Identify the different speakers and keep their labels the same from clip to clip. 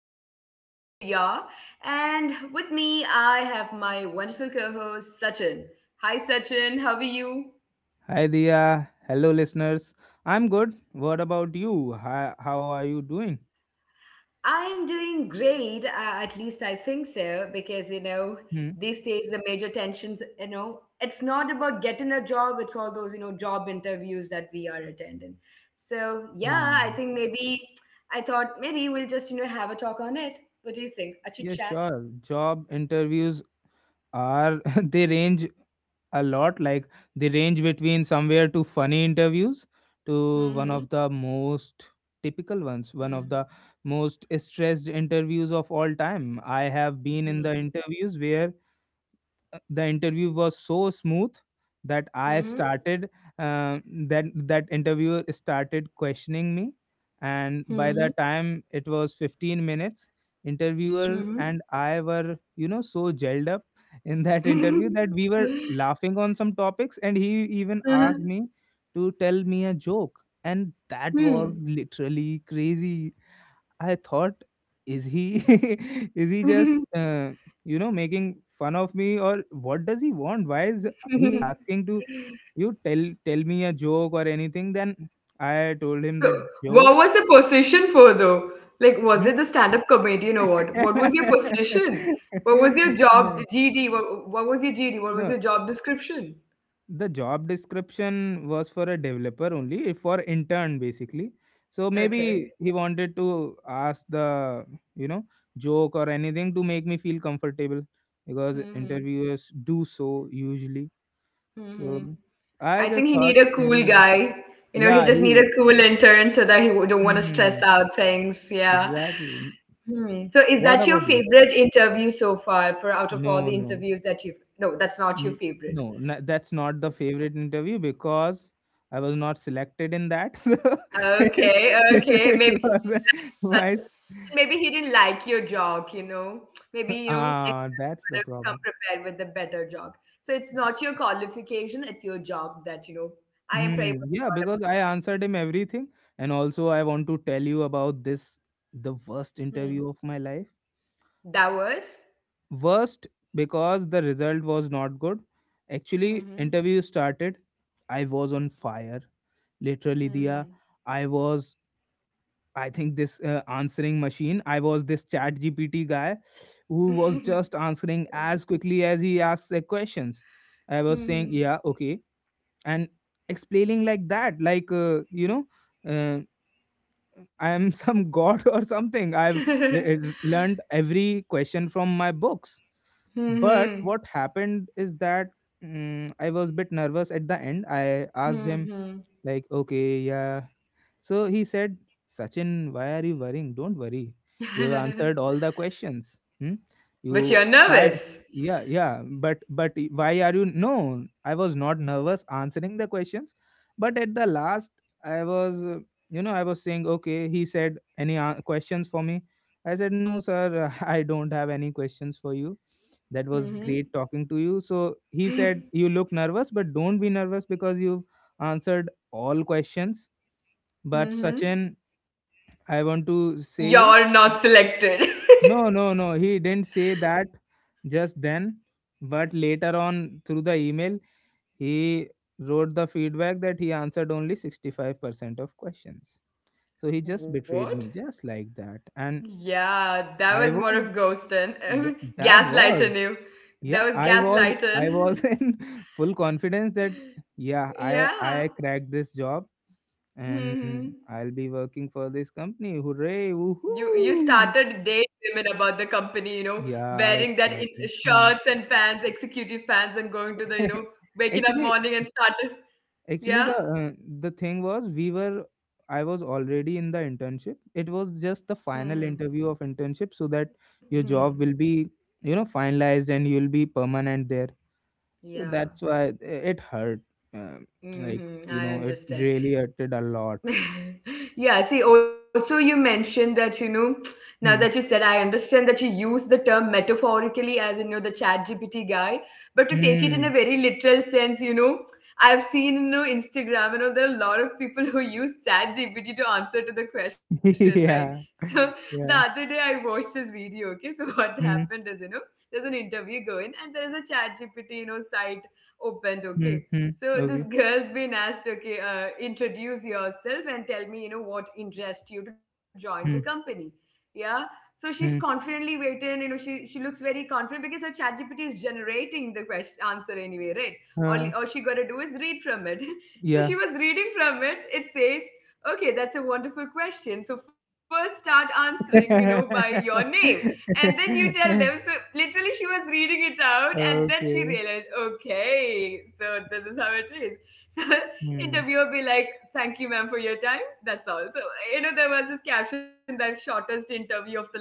Speaker 1: this is your host Dia, and with me, I have my wonderful co host Sachin. Hi Sachin, how are you?
Speaker 2: Hi Dia. Hello listeners. I'm good. What about you? Hi, how are you doing?
Speaker 1: I'm doing great, at least I think so, because
Speaker 2: Hmm.
Speaker 1: these days the major tensions, it's not about getting a job, it's all those, job interviews that we are attending. So, yeah, I
Speaker 2: Hmm.
Speaker 1: think maybe I thought maybe we'll just, have a talk on it. What do you think? A chit
Speaker 2: Yeah,
Speaker 1: chat.
Speaker 2: sure. Job interviews are they range a lot. Like they range between somewhere to funny interviews to one
Speaker 1: Mm-hmm.
Speaker 2: of the most typical ones, one of the most stressed interviews of all time. I have been in the
Speaker 1: Mhm.
Speaker 2: interviews where the interview was so smooth that I
Speaker 1: Mhm.
Speaker 2: started uh, that interviewer started questioning me, and by the time it was 15 minutes, interviewer
Speaker 1: Mhm.
Speaker 2: and I were so gelled up in that interview
Speaker 1: Mhm.
Speaker 2: that we were laughing on some topics, and he even asked
Speaker 1: Mhm.
Speaker 2: me to tell me a joke, and that was literally crazy. I thought, is he is he just
Speaker 1: Hmm.
Speaker 2: uh, making fun of me, or what does he want? Why is he asking to you tell me a joke or anything? Then I told him
Speaker 1: So,
Speaker 2: that
Speaker 1: what
Speaker 2: joke.
Speaker 1: was the position for though? Like, was
Speaker 2: Hmm?
Speaker 1: it the stand-up comedian or what? What was your position? What was your job
Speaker 2: no,
Speaker 1: GD? What was your GD? What was
Speaker 2: no,
Speaker 1: your job description?
Speaker 2: the job description was for a developer only, for intern basically. So maybe
Speaker 1: Okay.
Speaker 2: he wanted to ask the, you know, joke or anything to make me feel comfortable because
Speaker 1: Hmm.
Speaker 2: interviewers do so usually.
Speaker 1: Hmm.
Speaker 2: So I
Speaker 1: I think
Speaker 2: just
Speaker 1: he
Speaker 2: thought
Speaker 1: need a cool
Speaker 2: maybe,
Speaker 1: guy. You know, he
Speaker 2: yeah,
Speaker 1: just need a cool intern so that he don't want to stress
Speaker 2: hmm,
Speaker 1: out things. Yeah.
Speaker 2: exactly.
Speaker 1: Hmm. So is
Speaker 2: What
Speaker 1: that your
Speaker 2: about you?
Speaker 1: favorite interview so far, for out of all
Speaker 2: No,
Speaker 1: the
Speaker 2: no.
Speaker 1: interviews that you've... No, that's not your
Speaker 2: N-
Speaker 1: favorite.
Speaker 2: no, na, that's not the favorite interview because I was not selected in that. So
Speaker 1: Okay, okay.
Speaker 2: it
Speaker 1: Maybe he
Speaker 2: wasn't
Speaker 1: didn't like such
Speaker 2: my.
Speaker 1: a- maybe he didn't like your joke, you know. Maybe next
Speaker 2: Ah,
Speaker 1: time you
Speaker 2: that's
Speaker 1: could
Speaker 2: the
Speaker 1: have come
Speaker 2: problem.
Speaker 1: prepared with a better joke. So it's not your qualification, it's your job that you know. I am pretty
Speaker 2: Hmm.
Speaker 1: much
Speaker 2: Yeah,
Speaker 1: proud
Speaker 2: because I answered him everything, and also I want to tell you about this the worst
Speaker 1: about. Hmm.
Speaker 2: interview of my life.
Speaker 1: That was.
Speaker 2: Worst because the result was not good. Actually,
Speaker 1: Hmm.
Speaker 2: interview started. I was on fire. Literally, Dia.
Speaker 1: Hmm.
Speaker 2: I was I think this answering machine. I was this chat GPT guy who was just answering as quickly as he asked the questions. I was saying, yeah,
Speaker 1: Hmm.
Speaker 2: okay, and explaining like that, like, uh, I am some god or something. I've
Speaker 1: Hmm.
Speaker 2: learned every question from my books. But
Speaker 1: Hmm.
Speaker 2: what happened is that I was a bit nervous at the end. I asked
Speaker 1: Hmm.
Speaker 2: him,
Speaker 1: Hmm.
Speaker 2: like, okay, yeah, so he said, Sachin, why are you worrying? Don't worry. You have answered all the questions. Hmm?
Speaker 1: But
Speaker 2: You
Speaker 1: you're
Speaker 2: try,
Speaker 1: nervous.
Speaker 2: yeah, yeah. But why are you? No, I was not nervous answering the questions. But at the last, I was, I was saying, okay. He said, any questions for me? I said, no, sir. I don't have any questions for you. That was great
Speaker 1: Mm-hmm.
Speaker 2: talking to you. So he said, you look nervous, but don't be nervous because you've answered all questions but
Speaker 1: Mm-hmm.
Speaker 2: Sachin, I want to say you.
Speaker 1: You're not selected.
Speaker 2: No, no, no. He didn't say that just then. But later on, through the email, he wrote the feedback that he answered only 65% of questions. So he just betrayed
Speaker 1: What?
Speaker 2: me, just like that. And
Speaker 1: Yeah, that
Speaker 2: I
Speaker 1: was more
Speaker 2: was,
Speaker 1: of ghosting.
Speaker 2: yeah, that was,
Speaker 1: Gaslighting you.
Speaker 2: yeah,
Speaker 1: That was
Speaker 2: I was
Speaker 1: gaslighting.
Speaker 2: in full confidence that, yeah, I
Speaker 1: Yeah.
Speaker 2: cracked this job and I'll
Speaker 1: Hmm.
Speaker 2: be working for this company. Hooray!
Speaker 1: You
Speaker 2: Woohoo!
Speaker 1: started dating women about the company, you know,
Speaker 2: Yeah, I
Speaker 1: wearing that in
Speaker 2: start. Hmm.
Speaker 1: shirts and pants, executive pants, and going to the, waking up
Speaker 2: Actually,
Speaker 1: morning and started.
Speaker 2: actually
Speaker 1: Yeah.
Speaker 2: the thing was we were I was already in the internship. It was just the
Speaker 1: Hmm.
Speaker 2: final interview of internship so that your
Speaker 1: Hmm.
Speaker 2: job will be, you know, finalized and you'll be permanent there. So
Speaker 1: Yeah.
Speaker 2: that's why it hurt. Um like,
Speaker 1: Hmm.
Speaker 2: you
Speaker 1: I
Speaker 2: know, it
Speaker 1: understand.
Speaker 2: really hurted a lot.
Speaker 1: Yeah, see, also you mentioned that, now that you said,
Speaker 2: Hmm.
Speaker 1: I understand that you use the term metaphorically as, the chat GPT guy, but to take it in a
Speaker 2: Hmm.
Speaker 1: very literal sense, I've seen, Instagram, there are a lot of people who use chat GPT to answer to the question, right?
Speaker 2: yeah.
Speaker 1: So the other
Speaker 2: Yeah.
Speaker 1: day I watched this video, okay? So what happened
Speaker 2: Hmm.
Speaker 1: is, there's an interview going and there's a chat GPT, site opened,
Speaker 2: Hmm.
Speaker 1: okay?
Speaker 2: Hmm.
Speaker 1: So this
Speaker 2: Okay.
Speaker 1: girl's been asked, okay, introduce yourself and tell me, what interests you to join the
Speaker 2: Hmm.
Speaker 1: company. Yeah. So she's
Speaker 2: Hmm.
Speaker 1: confidently waiting, she looks very confident because her ChatGPT is generating the question answer anyway, right? All
Speaker 2: Uh,
Speaker 1: all she gotta do is read from it. So she
Speaker 2: yeah.
Speaker 1: was reading from it. It says, okay, that's a wonderful question. So first start answering, by your name and then you tell them. So literally, she was reading it out, and then she realized,
Speaker 2: Okay.
Speaker 1: okay, so this is how it is. So
Speaker 2: Hmm.
Speaker 1: interviewer be like, "Thank you, ma'am, for your time. That's all." So, there was this caption that shortest interview of the life.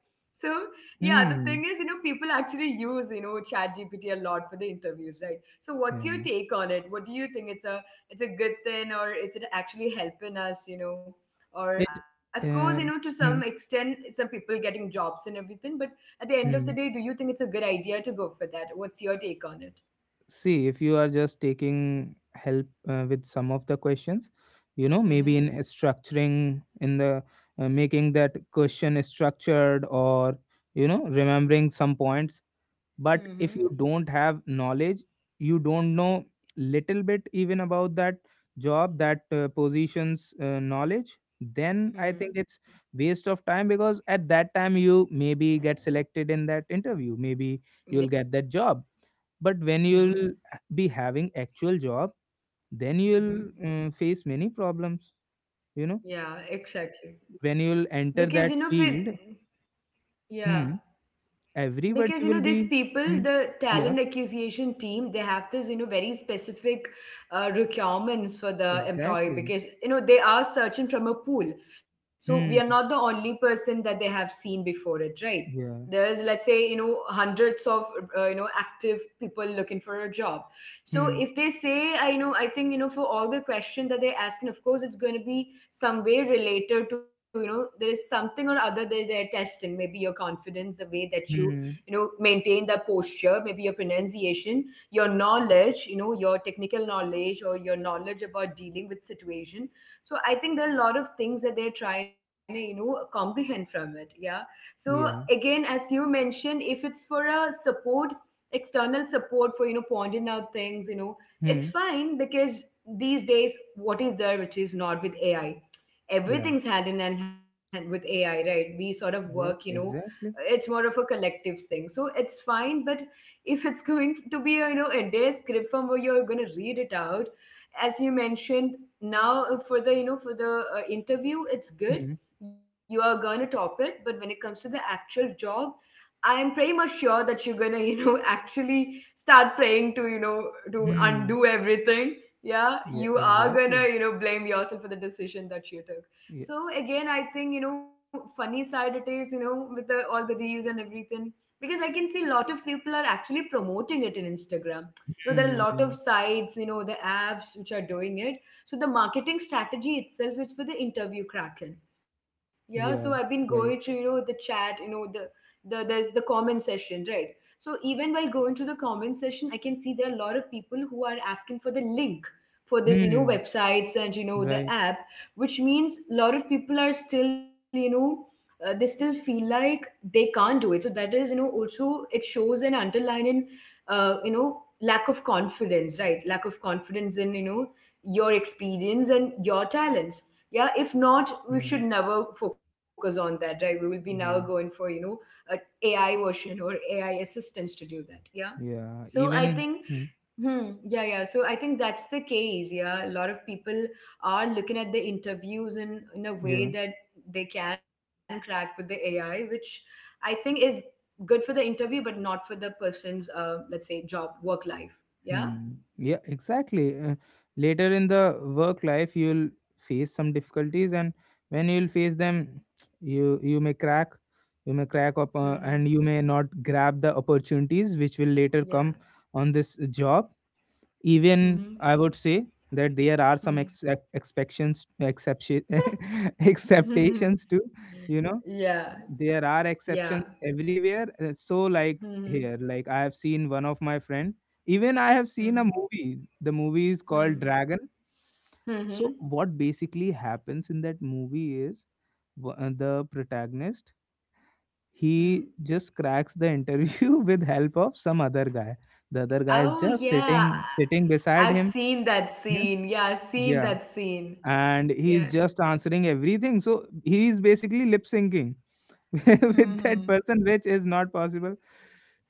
Speaker 1: So yeah, the thing is,
Speaker 2: Hmm.
Speaker 1: people actually use ChatGPT a lot for the interviews, right? So what's your
Speaker 2: Yeah.
Speaker 1: take on it? What do you think? It's a good thing, or is it actually helping us? You know? Or of
Speaker 2: It.
Speaker 1: course, to
Speaker 2: Uh,
Speaker 1: some
Speaker 2: hmm.
Speaker 1: extent some people getting jobs and everything, but at the end of the day do
Speaker 2: Hmm.
Speaker 1: you think it's a good idea to go for that? What's your take on it?
Speaker 2: See, if you are just taking help with some of the questions, you know, maybe in
Speaker 1: Mm-hmm.
Speaker 2: a structuring, in the making that question structured, or you know, remembering some points, but if
Speaker 1: Mm-hmm.
Speaker 2: you don't have knowledge, you don't know little bit even about that job, that positions knowledge, then I
Speaker 1: Hmm.
Speaker 2: think it's waste of time because at that time you maybe get selected in that interview, maybe
Speaker 1: Yeah.
Speaker 2: you'll get that job, but when
Speaker 1: Mm-hmm.
Speaker 2: you'll be having actual job, then
Speaker 1: Mm-hmm.
Speaker 2: you'll face many problems, you know,
Speaker 1: Yeah, exactly.
Speaker 2: when you'll
Speaker 1: Because,
Speaker 2: enter
Speaker 1: with,
Speaker 2: that field.
Speaker 1: yeah,
Speaker 2: Hmm.
Speaker 1: because,
Speaker 2: Everybody will
Speaker 1: these
Speaker 2: be
Speaker 1: people,
Speaker 2: hmm,
Speaker 1: the talent
Speaker 2: yeah,
Speaker 1: acquisition team, they have this, very specific, requirements for the employee,
Speaker 2: exactly.
Speaker 1: because, they are searching from a pool, so we are not the
Speaker 2: Hmm.
Speaker 1: only person that they have seen before it, right?
Speaker 2: Yeah.
Speaker 1: There is, let's say, hundreds of, active people looking for a job. So
Speaker 2: Hmm.
Speaker 1: if they say, I know, I think, for all the question that they ask, and of course it's going to be some way related to, there is something or other that they're testing, maybe your confidence, the way that you
Speaker 2: Hmm.
Speaker 1: know maintain the posture, maybe your pronunciation, your knowledge, your technical knowledge, or your knowledge about dealing with situation. So I think there are a lot of things that they're trying to comprehend from it, yeah. So again,
Speaker 2: Yeah.
Speaker 1: as you mentioned, if it's for a support, external support for pointing out things, it's
Speaker 2: Hmm.
Speaker 1: fine, because these days what is there which is not with AI?
Speaker 2: Yeah.
Speaker 1: Everything's hand in hand with AI, right? We sort of work,
Speaker 2: Right.
Speaker 1: it's
Speaker 2: Exactly.
Speaker 1: more of a collective thing, so it's fine. But if it's going to be a, a day script from where you're going to read it out, as you mentioned, now, for the interview, it's good.
Speaker 2: Hmm.
Speaker 1: You are going to top it, but when it comes to the actual job, I am pretty much sure that you're going to actually start praying to, to undo
Speaker 2: Hmm.
Speaker 1: everything. Yeah,
Speaker 2: Yeah.
Speaker 1: you are going to
Speaker 2: Exactly.
Speaker 1: blame yourself for the decision that you took.
Speaker 2: Yeah.
Speaker 1: So again, I think, funny side it is, with all the reels and everything, because I can see a lot of people are actually promoting it in Instagram. There are a lot of
Speaker 2: Hmm.
Speaker 1: sites, the apps which are doing it. So the marketing strategy itself is for the interview kraken. Yeah, so I've been
Speaker 2: Yeah.
Speaker 1: going to you
Speaker 2: Right.
Speaker 1: know the chat, you know the there's the comment session, right? So even while going to the comment session, I can see there are a lot of people who are asking for the link for this,
Speaker 2: Hmm.
Speaker 1: websites, and the
Speaker 2: Right.
Speaker 1: app, which means a lot of people are still they still feel like they can't do it, so that is, also it shows an underlying, uh, you know lack of confidence, right? Lack of confidence in, your experience and your talents, yeah. If not, we
Speaker 2: Hmm.
Speaker 1: should never focus on that, right? We will be now going
Speaker 2: Yeah.
Speaker 1: for, a AI version or AI assistance to do that, yeah.
Speaker 2: Yeah.
Speaker 1: So I
Speaker 2: Even.
Speaker 1: think.
Speaker 2: Hmm.
Speaker 1: Hmm. Yeah, yeah. So I think that's the case. Yeah, a lot of people are looking at the interviews in a
Speaker 2: Yeah.
Speaker 1: way that they can crack with the AI, which I think is good for the interview, but not for the person's, let's say job work life. Yeah.
Speaker 2: Hmm. Yeah, exactly. Later in the work life, you'll face some difficulties, and when you'll face them, you you may crack, you may crack up,
Speaker 1: Mm-hmm.
Speaker 2: and you may not grab the opportunities which will later
Speaker 1: Yeah.
Speaker 2: come on this job. Even
Speaker 1: Mm-hmm.
Speaker 2: I would say that there are some exceptions, exception
Speaker 1: Hmm.
Speaker 2: acceptations too, you know,
Speaker 1: Yeah.
Speaker 2: there are
Speaker 1: Yeah.
Speaker 2: exceptions everywhere, so like
Speaker 1: Mm-hmm.
Speaker 2: here, like I have seen one of my friend, even I have seen
Speaker 1: Mm-hmm.
Speaker 2: a movie. The movie is called
Speaker 1: Hmm.
Speaker 2: Dragon. So
Speaker 1: Mm-hmm.
Speaker 2: what basically happens in that movie is the protagonist,
Speaker 1: Hmm.
Speaker 2: he just cracks the interview with help of some other guy. The other guy is
Speaker 1: Oh
Speaker 2: just
Speaker 1: yeah.
Speaker 2: sitting beside
Speaker 1: I've
Speaker 2: him.
Speaker 1: seen that
Speaker 2: Hmm,
Speaker 1: scene. Yeah, I've seen
Speaker 2: yeah,
Speaker 1: that scene.
Speaker 2: and he's
Speaker 1: Yeah.
Speaker 2: just answering everything. So he is basically lip syncing with
Speaker 1: Mm-hmm.
Speaker 2: that person, which is not possible.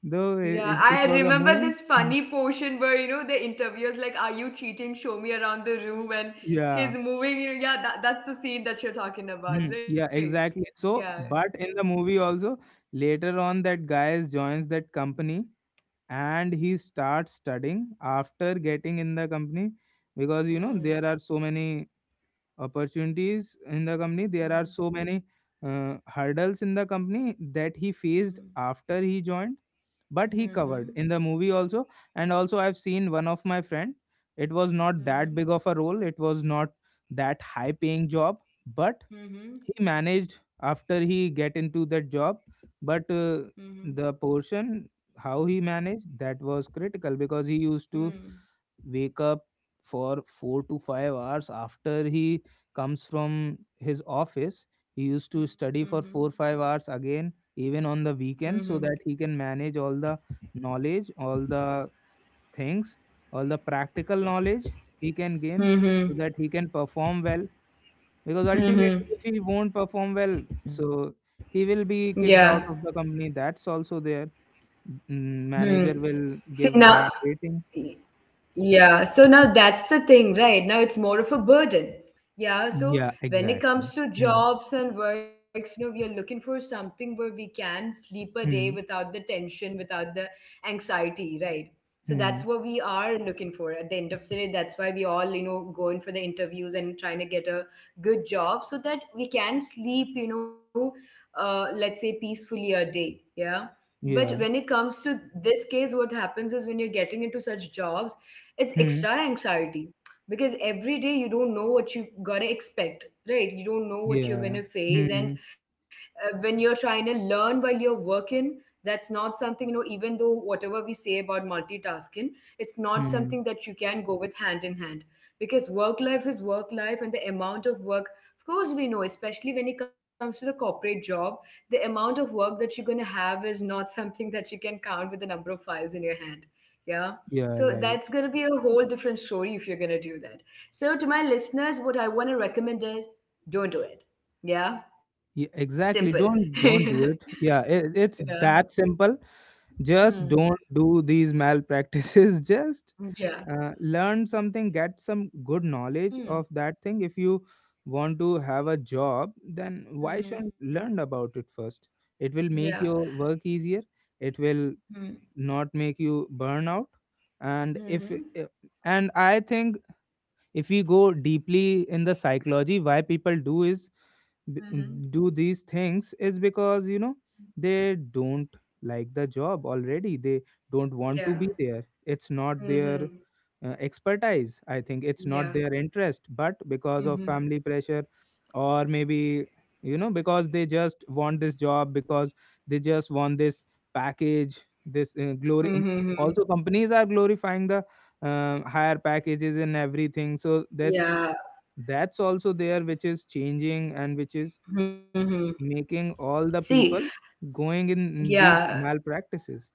Speaker 2: Though
Speaker 1: Yeah, I
Speaker 2: it was a
Speaker 1: remember
Speaker 2: movie.
Speaker 1: this
Speaker 2: Hmm.
Speaker 1: funny portion where the interviewer's like, "Are you cheating? Show me around the room." And
Speaker 2: Yeah.
Speaker 1: he's moving. You know, yeah, that's the scene that you're talking about,
Speaker 2: Hmm.
Speaker 1: right?
Speaker 2: Yeah, exactly.
Speaker 1: Yeah.
Speaker 2: So,
Speaker 1: Mhm.
Speaker 2: but in the movie also, later on, that guy is- joins that company and he starts studying after getting in the company because you know there are so many opportunities in the company, there are
Speaker 1: Mm-hmm.
Speaker 2: so many hurdles in the company that he
Speaker 1: Mm-hmm.
Speaker 2: faced after he joined, but he covered
Speaker 1: Mm-hmm.
Speaker 2: in the movie also. And also I've seen one of my friend. It was not that big of a role, it was not that high paying job, but
Speaker 1: Mm-hmm.
Speaker 2: he managed after he get into that job. But
Speaker 1: Mm-hmm.
Speaker 2: the portion how he managed that was critical because he used to
Speaker 1: Mm-hmm.
Speaker 2: wake up for 4 to 5 hours after he comes from his office. He used to
Speaker 1: Mm-hmm.
Speaker 2: study
Speaker 1: Mm-hmm.
Speaker 2: for 4, 5 hours again even on the weekend
Speaker 1: Mm-hmm.
Speaker 2: so that he can manage all the knowledge, all the things, all the practical knowledge he can gain
Speaker 1: Mm-hmm. Mm-hmm.
Speaker 2: so that he can perform well, because
Speaker 1: Mm-hmm.
Speaker 2: ultimately if he won't perform well, so he
Speaker 1: Yeah.
Speaker 2: will be kicked out of the company, that's also there.
Speaker 1: Hmm.
Speaker 2: Manager
Speaker 1: See
Speaker 2: will
Speaker 1: now.
Speaker 2: give bad rating.
Speaker 1: Yeah, so now that's the thing, right? Now it's more of a burden. Yeah, so
Speaker 2: Yeah,
Speaker 1: when it comes
Speaker 2: exactly.
Speaker 1: to jobs and works, we are looking for something where we can sleep a day
Speaker 2: Hmm.
Speaker 1: without the tension, without the anxiety, right? So that's
Speaker 2: Hmm.
Speaker 1: what we are looking for at the end of the day. That's why we all, going for the interviews and trying to get a good job so that we can sleep, let's say peacefully a day. Yeah. But when
Speaker 2: Yeah.
Speaker 1: it comes to this case, what happens is when you're getting into such jobs, it's
Speaker 2: Hmm.
Speaker 1: extra anxiety because every day you don't know what you gonna expect, right? You don't know what you're
Speaker 2: Yeah.
Speaker 1: gonna face, and,
Speaker 2: Hmm.
Speaker 1: when you're trying to learn while you're working, that's not something, even though whatever we say about multitasking, it's not something
Speaker 2: Hmm.
Speaker 1: that you can go with hand in hand, because work life is work life, and the amount of work, of course we know, especially when it comes to the corporate job, the amount of work that you're going to have is not something that you can count with the number of files in your hand, yeah.
Speaker 2: Yeah.
Speaker 1: So
Speaker 2: Right.
Speaker 1: that's going to be a whole different story if you're going to do that. So, to my listeners, what I want to recommend is don't do it. Yeah.
Speaker 2: Yeah,
Speaker 1: Simple.
Speaker 2: exactly.
Speaker 1: Yeah.
Speaker 2: Don't do it. Yeah. It's that simple. Just
Speaker 1: Hmm.
Speaker 2: don't do these malpractices. Just
Speaker 1: Yeah.
Speaker 2: learn something. Get some good knowledge
Speaker 1: Hmm.
Speaker 2: of that thing. If you want to have a job, then why
Speaker 1: Hmm.
Speaker 2: shouldn't learn about it first? It will
Speaker 1: Yeah.
Speaker 2: make your work easier. It will
Speaker 1: Hmm.
Speaker 2: not make you burn out. And if
Speaker 1: Mm-hmm.
Speaker 2: eh, and I think if we go deeply in the psychology why people do is b-
Speaker 1: Mm-hmm.
Speaker 2: do these things is because you know they don't like the job already, they don't want to
Speaker 1: Yeah.
Speaker 2: be there, it's not their
Speaker 1: Mm-hmm.
Speaker 2: expertise, I think it's not
Speaker 1: Yeah.
Speaker 2: their interest, but because of
Speaker 1: Mm-hmm.
Speaker 2: family pressure or maybe, you know, because they just want this job, because they just want this package, this glory.
Speaker 1: Mm-hmm. Mm-hmm.
Speaker 2: Also companies are glorifying the higher packages and everything, so
Speaker 1: Yeah.
Speaker 2: that's also there, which is changing and which is
Speaker 1: Mm-hmm.
Speaker 2: making all the
Speaker 1: See,
Speaker 2: people going in
Speaker 1: yeah,
Speaker 2: these malpractices.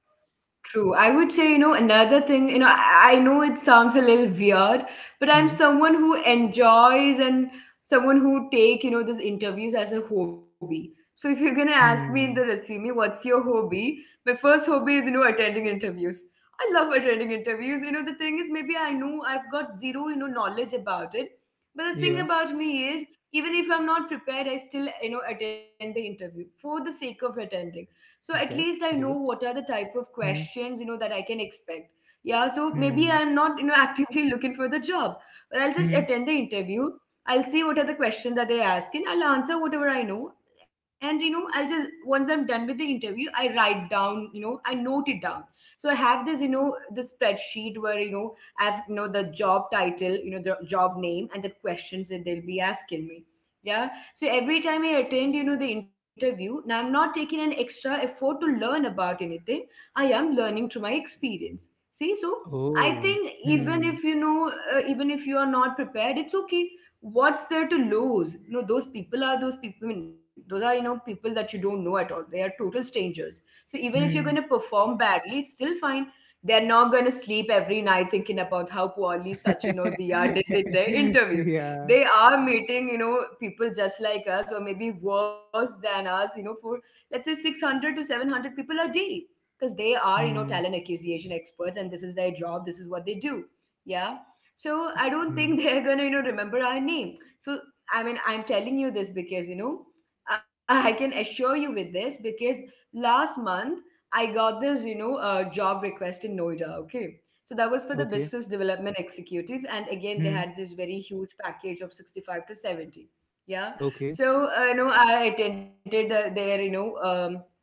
Speaker 1: true. I would say, you know, another thing, you know, I know it sounds a little weird, but I'm
Speaker 2: Hmm.
Speaker 1: someone who enjoys and someone who take, you know, these interviews as a hobby. So if you're gonna ask me in the
Speaker 2: Hmm.
Speaker 1: resume, what's your hobby? My first hobby is, you know, attending interviews. I love attending interviews. You know, the thing is maybe I know I've got zero, you know, knowledge about it. But the thing
Speaker 2: Yeah,
Speaker 1: about me is, even if I'm not prepared, I still, you know, attend the interview for the sake of attending, so at least I
Speaker 2: that's
Speaker 1: know what
Speaker 2: great.
Speaker 1: are the type of
Speaker 2: Hmm.
Speaker 1: questions, you know, that I can expect. Yeah, so maybe
Speaker 2: Hmm.
Speaker 1: I'm not, you know, actively looking for the job, but I'll just
Speaker 2: Hmm.
Speaker 1: attend the interview. I'll see what are the questions that they ask, and I'll answer whatever I know. And, you know, I'll just, once I'm done with the interview, I write down, you know, I note it down. So I have this, you know, this spreadsheet where, you know, I have, you know, the job title, you know, the job name, and the questions that they'll be asking me. Yeah. So every time I attend, you know, the interview, now I'm not taking an extra effort to learn about anything. I am learning through my experience. See, so I
Speaker 2: Oh.
Speaker 1: think even if
Speaker 2: Hmm.
Speaker 1: you know, uh, even if you are not prepared, it's okay. What's there to lose? You know, those people are those people. I mean, those are, you know, people that you don't know at all. They are total strangers. So even if you're going to
Speaker 2: Hmm.
Speaker 1: perform badly, it's still fine. They're not going to sleep every night thinking about how poorly Sachin or Diya did in their interview.
Speaker 2: Yeah.
Speaker 1: They are meeting, you know, people just like us, or maybe worse than us, you know, for let's say 600 to 700 people a day, because they are, you know, talent
Speaker 2: Hmm.
Speaker 1: acquisition experts, and this is their job, this is what they do. Yeah. So I don't
Speaker 2: Hmm.
Speaker 1: think they're gonna, you know, remember our name. So I mean, I'm telling you this because, you know, I can assure you with this because last month I got this, you know, job request in Noida, okay? So that was for the
Speaker 2: Okay.
Speaker 1: business development executive, and again they
Speaker 2: Hmm.
Speaker 1: had this very huge package of 65 to 70. Yeah.
Speaker 2: Okay.
Speaker 1: So you know, I attended their, you know,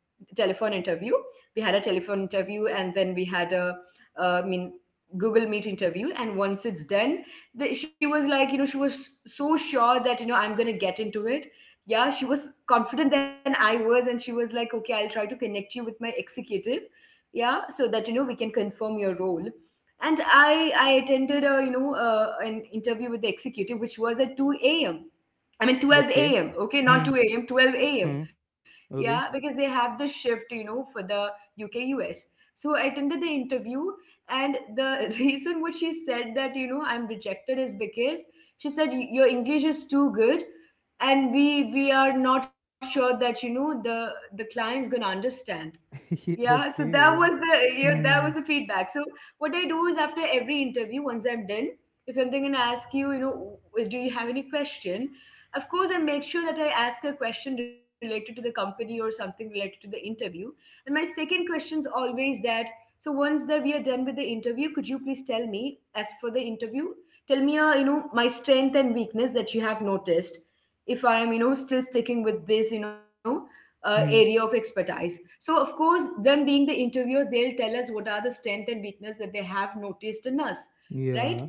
Speaker 1: telephone interview. We had a telephone interview, and then we had a uh, I mean Google Meet interview. And once it's done, she was like, you know, she was so sure that, you know, I'm gonna get into it. Yeah, she was confident than I was, and she was like, okay, I'll try to connect you with my executive, yeah, so that, you know, we can confirm your role. And I attended a you know an interview with the executive, which was at 2 a.m. I mean 12
Speaker 2: Okay.
Speaker 1: a.m okay, not
Speaker 2: Hmm.
Speaker 1: 2 a.m., 12 a.m.
Speaker 2: Hmm.
Speaker 1: Yeah, because
Speaker 2: Okay.
Speaker 1: they have the shift, you know, for the UK, US. So I attended the interview, and the reason what she said that, you know, I'm rejected is because she said, Your english is too good, and we are not sure that, you know, the client's gonna understand."
Speaker 2: Yeah,
Speaker 1: Yeah, so
Speaker 2: okay. Yeah.
Speaker 1: that was the
Speaker 2: Hmm.
Speaker 1: feedback. So what I do is after every interview, once I'm done, if I'm going to ask you, you know, is do you have any question? Of course, I make sure that I ask a question related to the company or something related to the interview. And my second question is always that. So once that we are done with the interview, could you please tell me, as for the interview, tell me, you know, my strength and weakness that you have noticed. If I am, you know, still sticking with this, you know, area
Speaker 2: Hmm.
Speaker 1: of expertise. So, of course, them being the interviewers, they'll tell us what are the strength and weakness that they have noticed in us, right?
Speaker 2: Yeah.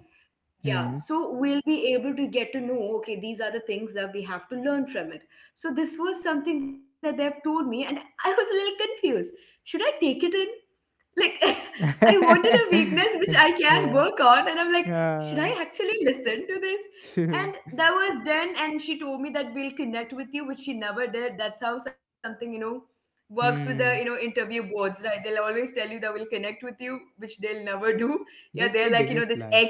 Speaker 1: Yeah,
Speaker 2: Hmm.
Speaker 1: so we'll be able to get to know, okay, these are the things that we have to learn from it. So, this was something that they've told me, and I was a little confused. Should I take it in? Like, I wanted a weakness which I can
Speaker 2: Yeah.
Speaker 1: work on, and I'm like, should
Speaker 2: Yeah.
Speaker 1: I actually listen to this? And that was then, and she told me that we'll connect with you, which she never did. That's how something, you know, works with the, you know,
Speaker 2: Hmm.
Speaker 1: interview boards, right? They'll always tell you that we'll connect with you, which they'll never do. Yeah, they're
Speaker 2: That's
Speaker 1: like,
Speaker 2: the
Speaker 1: you know, this
Speaker 2: biggest
Speaker 1: ex.
Speaker 2: lie.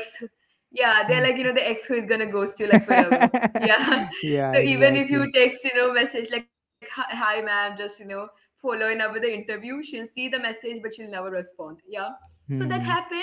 Speaker 1: Yeah, they're like,
Speaker 2: Hmm.
Speaker 1: you know, the ex who is gonna ghost you like forever. Yeah.
Speaker 2: Yeah.
Speaker 1: So even if you
Speaker 2: Exactly.
Speaker 1: text, you know, message like, hi, hi, ma'am, just, you know, following up with the interview. She'll see the message, but she'll never respond. Yeah. So that
Speaker 2: Hmm.
Speaker 1: happened.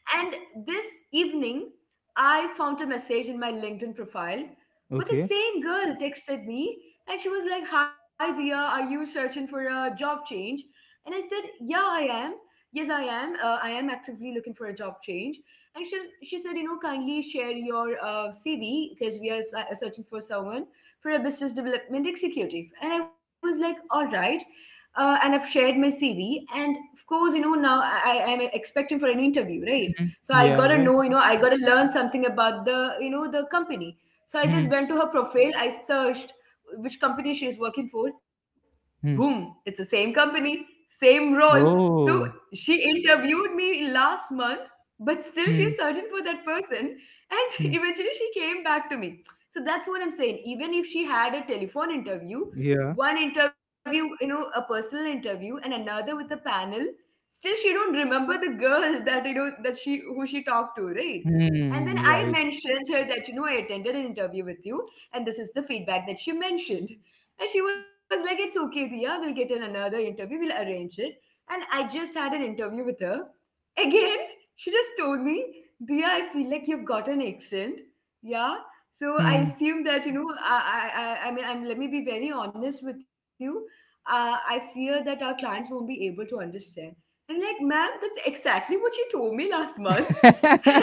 Speaker 1: And this evening, I found a message in my LinkedIn profile where the
Speaker 2: Okay.
Speaker 1: same girl texted me, and she was like, "Hi, Dia, are you searching for a job change?" And I said, "Yeah, I am. Yes, I am. I am actively looking for a job change." And she said, "You know, kindly share your CV because we are searching for someone for a business development executive." And I was like, "All right," and I've shared my CV. And of course, you know, now I am expecting for an interview, right?
Speaker 2: Mhm.
Speaker 1: So I
Speaker 2: Yeah.
Speaker 1: gotta know,
Speaker 2: Right.
Speaker 1: you know, I gotta learn something about the, you know, the company. So I
Speaker 2: Hmm.
Speaker 1: just went to her profile, I searched which company she is working for.
Speaker 2: Hmm.
Speaker 1: Boom, it's the same company, same role. So
Speaker 2: Oh.
Speaker 1: she interviewed me last month, but still she's
Speaker 2: Hmm,
Speaker 1: searching for that person. And
Speaker 2: hmm.
Speaker 1: eventually she came back to me. So that's what I'm saying. Even if she had a telephone interview,
Speaker 2: Yeah.
Speaker 1: one interview, you know, a personal interview, and another with a panel, still she don't remember the girl that, you know, that she who she talked to, right? And then
Speaker 2: Hmm,
Speaker 1: I
Speaker 2: right.
Speaker 1: mentioned her that, you know, I attended an interview with you, and this is the feedback that she mentioned. And she was like, "It's okay, Dia, we'll get in another interview, we'll arrange it." And I just had an interview with her. Again, she just told me, "Diya, I feel like you've got an accent." Yeah. So I
Speaker 2: Hmm.
Speaker 1: assume that, you know, I mean, let me be very honest with you. I fear that our clients won't be able to understand. I'm like, ma'am, that's exactly what you told me last month.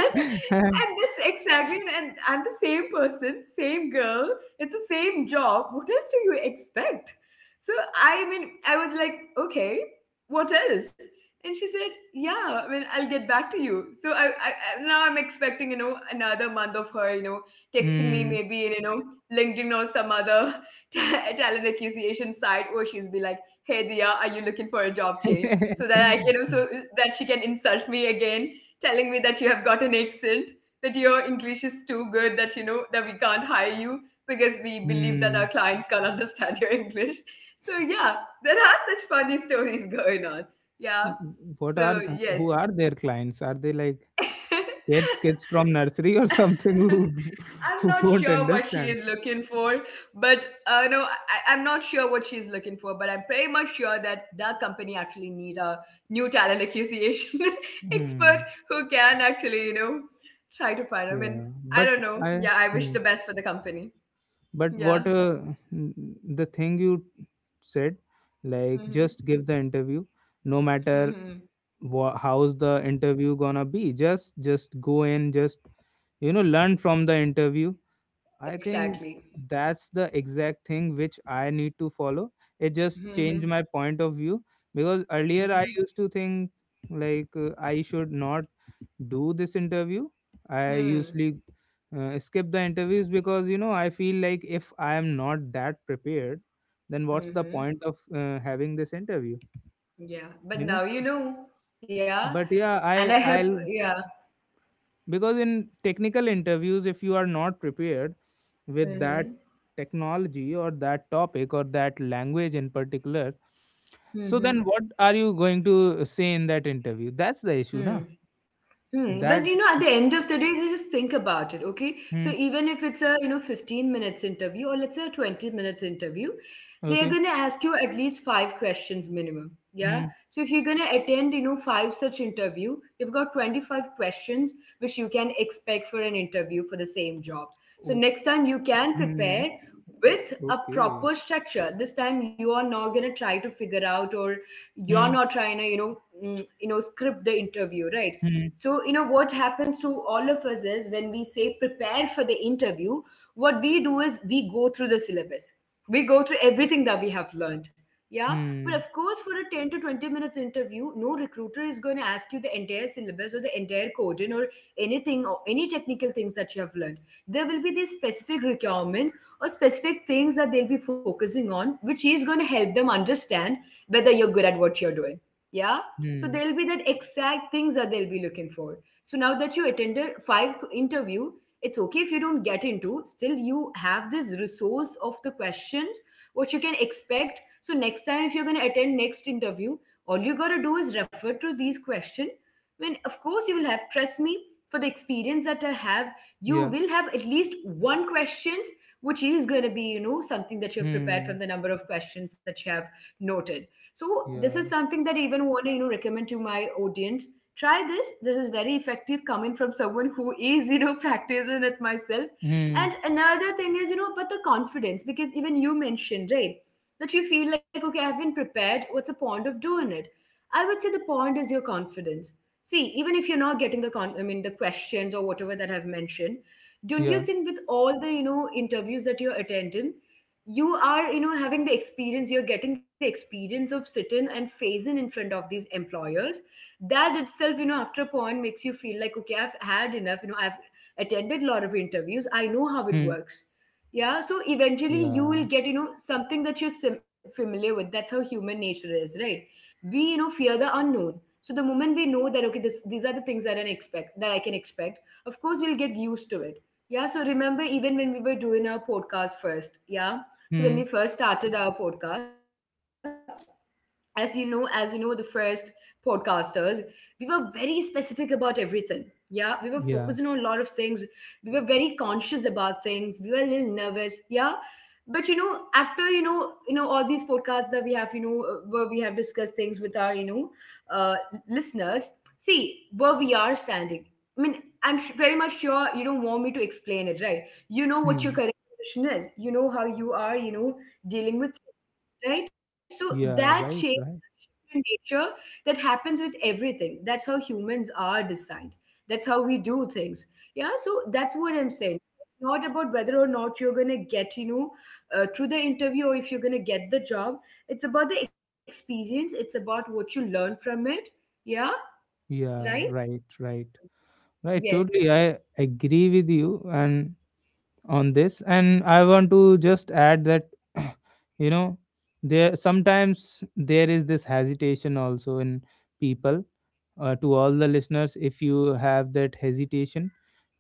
Speaker 1: And, and that's exactly, and I'm the same person, same girl. It's the same job. What else do you expect? So I mean, I was like, okay, what else? And she said, "Yeah, I mean, I'll get back to you." So I'm expecting, you know, another month of her, you know, texting me
Speaker 2: Hmm.
Speaker 1: maybe in, you know, LinkedIn or some other talent acquisition site, where she's be like, "Hey, Dia, are you looking for a job change?" So that I can also, that she can insult me again, telling me that you have got an accent, that your English is too good, that, you know, that we can't hire you because we believe that our
Speaker 2: Hmm.
Speaker 1: clients can't understand your English. So yeah, there are such funny stories going on. Yeah.
Speaker 2: What are
Speaker 1: So yes,
Speaker 2: who are their clients? Are they like kids, kids from nursery or something
Speaker 1: I'm
Speaker 2: who
Speaker 1: not
Speaker 2: won't
Speaker 1: sure what she
Speaker 2: understand?
Speaker 1: is looking for, but no, I'm not sure what she's looking for. But I'm pretty much sure that the company actually need a new talent acquisition
Speaker 2: Hmm.
Speaker 1: expert who can actually, you know, try to find. I
Speaker 2: Yeah.
Speaker 1: mean, I
Speaker 2: But
Speaker 1: don't know.
Speaker 2: I.
Speaker 1: Yeah, I wish
Speaker 2: Hmm.
Speaker 1: the best for the company.
Speaker 2: But what
Speaker 1: Yeah.
Speaker 2: the thing you said, like
Speaker 1: Hmm.
Speaker 2: just give the interview, no matter
Speaker 1: Hmm.
Speaker 2: how's the interview gonna be, just go in, just you know learn from the interview. I think
Speaker 1: Exactly.
Speaker 2: that's the exact thing which I need to follow. It just changed
Speaker 1: Hmm.
Speaker 2: my point of view, because earlier I
Speaker 1: Hmm.
Speaker 2: used to think like I should not do this interview. I
Speaker 1: Hmm.
Speaker 2: usually skip the interviews because you know I feel like if I am not that prepared, then what's the
Speaker 1: Hmm.
Speaker 2: point of having this interview,
Speaker 1: Yeah. But
Speaker 2: you know?
Speaker 1: now you know. Yeah.
Speaker 2: But yeah,
Speaker 1: And I
Speaker 2: I
Speaker 1: have.
Speaker 2: I'll
Speaker 1: Yeah.
Speaker 2: because in technical interviews if you are not prepared with that
Speaker 1: Hmm.
Speaker 2: technology or that topic or that language in particular, so then
Speaker 1: Hmm.
Speaker 2: what are you going to say in that interview? That's the issue na.
Speaker 1: Hmm. Hmm. But
Speaker 2: That
Speaker 1: you know, at the end of the day, they just think about it, okay? So
Speaker 2: hmm,
Speaker 1: even if it's a, you know, 15 minutes interview, or let's say a 20 minutes interview, they're
Speaker 2: okay.
Speaker 1: going to ask you at least five questions minimum. Yeah.
Speaker 2: Hmm,
Speaker 1: So if you're going to attend, you know, five such interview, you've got 25 questions which you can expect for an interview for the same job. So
Speaker 2: o-
Speaker 1: next time you can
Speaker 2: hmm,
Speaker 1: prepare with a
Speaker 2: okay.
Speaker 1: proper structure. This time you are not going to try to figure out, or you're
Speaker 2: Hmm,
Speaker 1: not trying to, you know, you know, script the interview, right?
Speaker 2: hmm,
Speaker 1: So, you know, what happens to all of us is when we say prepare for the interview, what we do is we go through the syllabus. We go through everything that we have learned. Yeah. But of
Speaker 2: hmm,
Speaker 1: course, for a 10 to 20 minutes interview, no recruiter is going to ask you the entire syllabus or the entire coding or anything or any technical things that you have learned. There will be this specific requirement or specific things that they'll be focusing on, which is going to help them understand whether you're good at what you're doing, yeah, so
Speaker 2: hmm,
Speaker 1: there'll be that exact things that they'll be looking for. So now that you attended five interview, it's okay if you don't get into. Still, you have this resource of the questions what you can expect. So next time, if you're going to attend next interview, all you got to do is refer to these questions. When of course you will have, trust me, for the experience that I have, you
Speaker 2: yeah.
Speaker 1: will have at least one questions which is going to be something that you have prepared
Speaker 2: Hmm,
Speaker 1: from the number of questions that you have noted. So this is
Speaker 2: yeah.
Speaker 1: something that I even want to recommend to my audience. Try this. This is very effective, coming from someone who is practicing it myself. And
Speaker 2: Hmm,
Speaker 1: another thing is about the confidence, because even you mentioned, right, that you feel like, okay, I haven't prepared. What's the point of doing it? I would say the point is your confidence. See, even if you're not getting the I mean the questions or whatever that I've mentioned, don't
Speaker 2: yeah.
Speaker 1: you think with all the interviews that you're attending you are having the experience, you're getting the experience of sitting and phasing in front of these employers, that itself after a point makes you feel like, okay, I've had enough, I've attended a lot of interviews, I know how it
Speaker 2: Hmm,
Speaker 1: works. Yeah, so eventually you will
Speaker 2: yeah.
Speaker 1: get something that you're familiar with. That's how human nature is, right? We fear the unknown. So the moment we know that, okay, this these are the things that I expect, that I can expect, of course we'll get used to it. Yeah, so remember even when we were doing our podcast first, yeah, so when we
Speaker 2: Hmm,
Speaker 1: first started our podcast, as you know the first podcasters, we were very specific about everything. Yeah, we were focusing on a lot of
Speaker 2: yeah.
Speaker 1: things, we were very conscious about things, we were a little nervous, yeah. But after all these podcasts that we have, where we have discussed things with our uh, listeners, see where we are standing. I mean, I'm very much sure you don't want me to explain it, right? You know what your
Speaker 2: Hmm,
Speaker 1: current position is, you know how you are dealing with, right? So that
Speaker 2: yeah,
Speaker 1: change
Speaker 2: right, right.
Speaker 1: in nature that happens with everything. That's how humans are designed. That's how we do things. Yeah, so that's what I'm saying. It's not about whether or not you're going to get, through the interview or if you're going to get the job. It's about the experience. It's about what you learn from it. Yeah, right?
Speaker 2: Yeah, right, right, right.
Speaker 1: Yes.
Speaker 2: Totally, I agree with you and on this, and I want to just add that you know there sometimes there is this hesitation also in people. To all the listeners, if you have that hesitation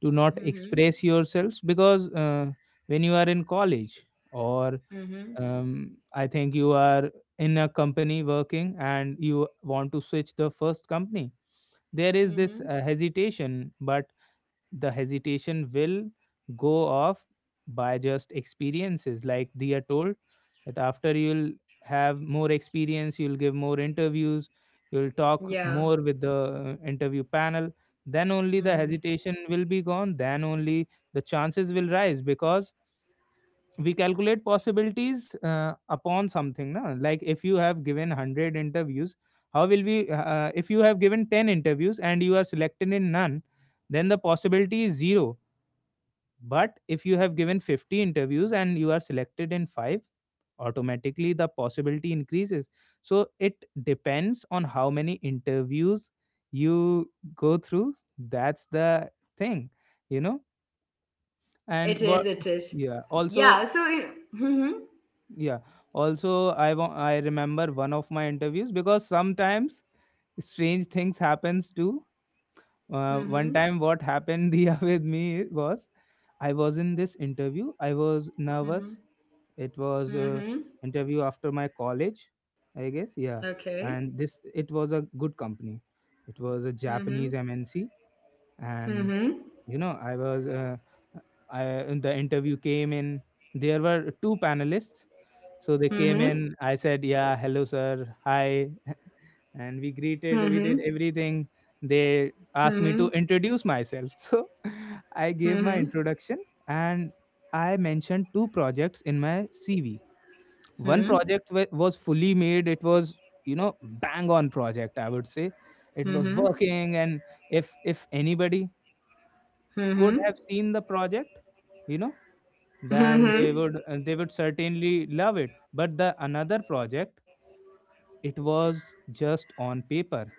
Speaker 2: to not
Speaker 1: Mm-hmm.
Speaker 2: express yourselves, because when you are in college or
Speaker 1: Mm-hmm.
Speaker 2: I think you are in a company working and you want to switch the first company. There is
Speaker 1: Mm-hmm.
Speaker 2: this hesitation, but the hesitation will go off by just experiences. Like they are told that after you'll have more experience, you'll give more interviews, you'll
Speaker 1: Yeah.
Speaker 2: talk more with the interview panel. Then only the
Speaker 1: Mm-hmm.
Speaker 2: hesitation will be gone. Then only the chances will rise because we calculate possibilities upon something na? Like if you have given 100 interviews, how will we if you have given 10 interviews and you are selected in none, then the possibility is zero. But if you have given 50 interviews and you are selected in five, automatically the possibility increases. So it depends on how many interviews you go through. That's the thing, you know, and
Speaker 1: It is.
Speaker 2: what?
Speaker 1: It is.
Speaker 2: Yeah, also.
Speaker 1: Yeah. So. It, mm-hmm.
Speaker 2: Yeah. Also, I remember one of my interviews, because sometimes strange things happens too.
Speaker 1: Mm-hmm.
Speaker 2: One time, what happened Dia with me was I was in this interview. I was
Speaker 1: Mm-hmm.
Speaker 2: nervous. It was a
Speaker 1: Mm-hmm.
Speaker 2: interview after my college, I guess. Yeah,
Speaker 1: Okay.
Speaker 2: and this it was a good company. It was a
Speaker 1: Mm-hmm.
Speaker 2: Japanese MNC, and
Speaker 1: Mm-hmm.
Speaker 2: I was I the interview came in. There were two panelists, so they came
Speaker 1: Mm-hmm.
Speaker 2: in. I said, "Yeah, hello, sir. Hi," and we
Speaker 1: Mm-hmm.
Speaker 2: greeted. We did everything. They asked
Speaker 1: Mm-hmm.
Speaker 2: me to introduce myself, so I gave
Speaker 1: Mm-hmm.
Speaker 2: my
Speaker 1: Mm-hmm.
Speaker 2: introduction and I mentioned two projects in my CV. One project was fully made. It was bang on project. I would say it
Speaker 1: Mm-hmm.
Speaker 2: was working, and if anybody
Speaker 1: Mm-hmm.
Speaker 2: could have seen the project, you know, then
Speaker 1: Mm-hmm.
Speaker 2: they would certainly love it. But the another project, it was just on paper.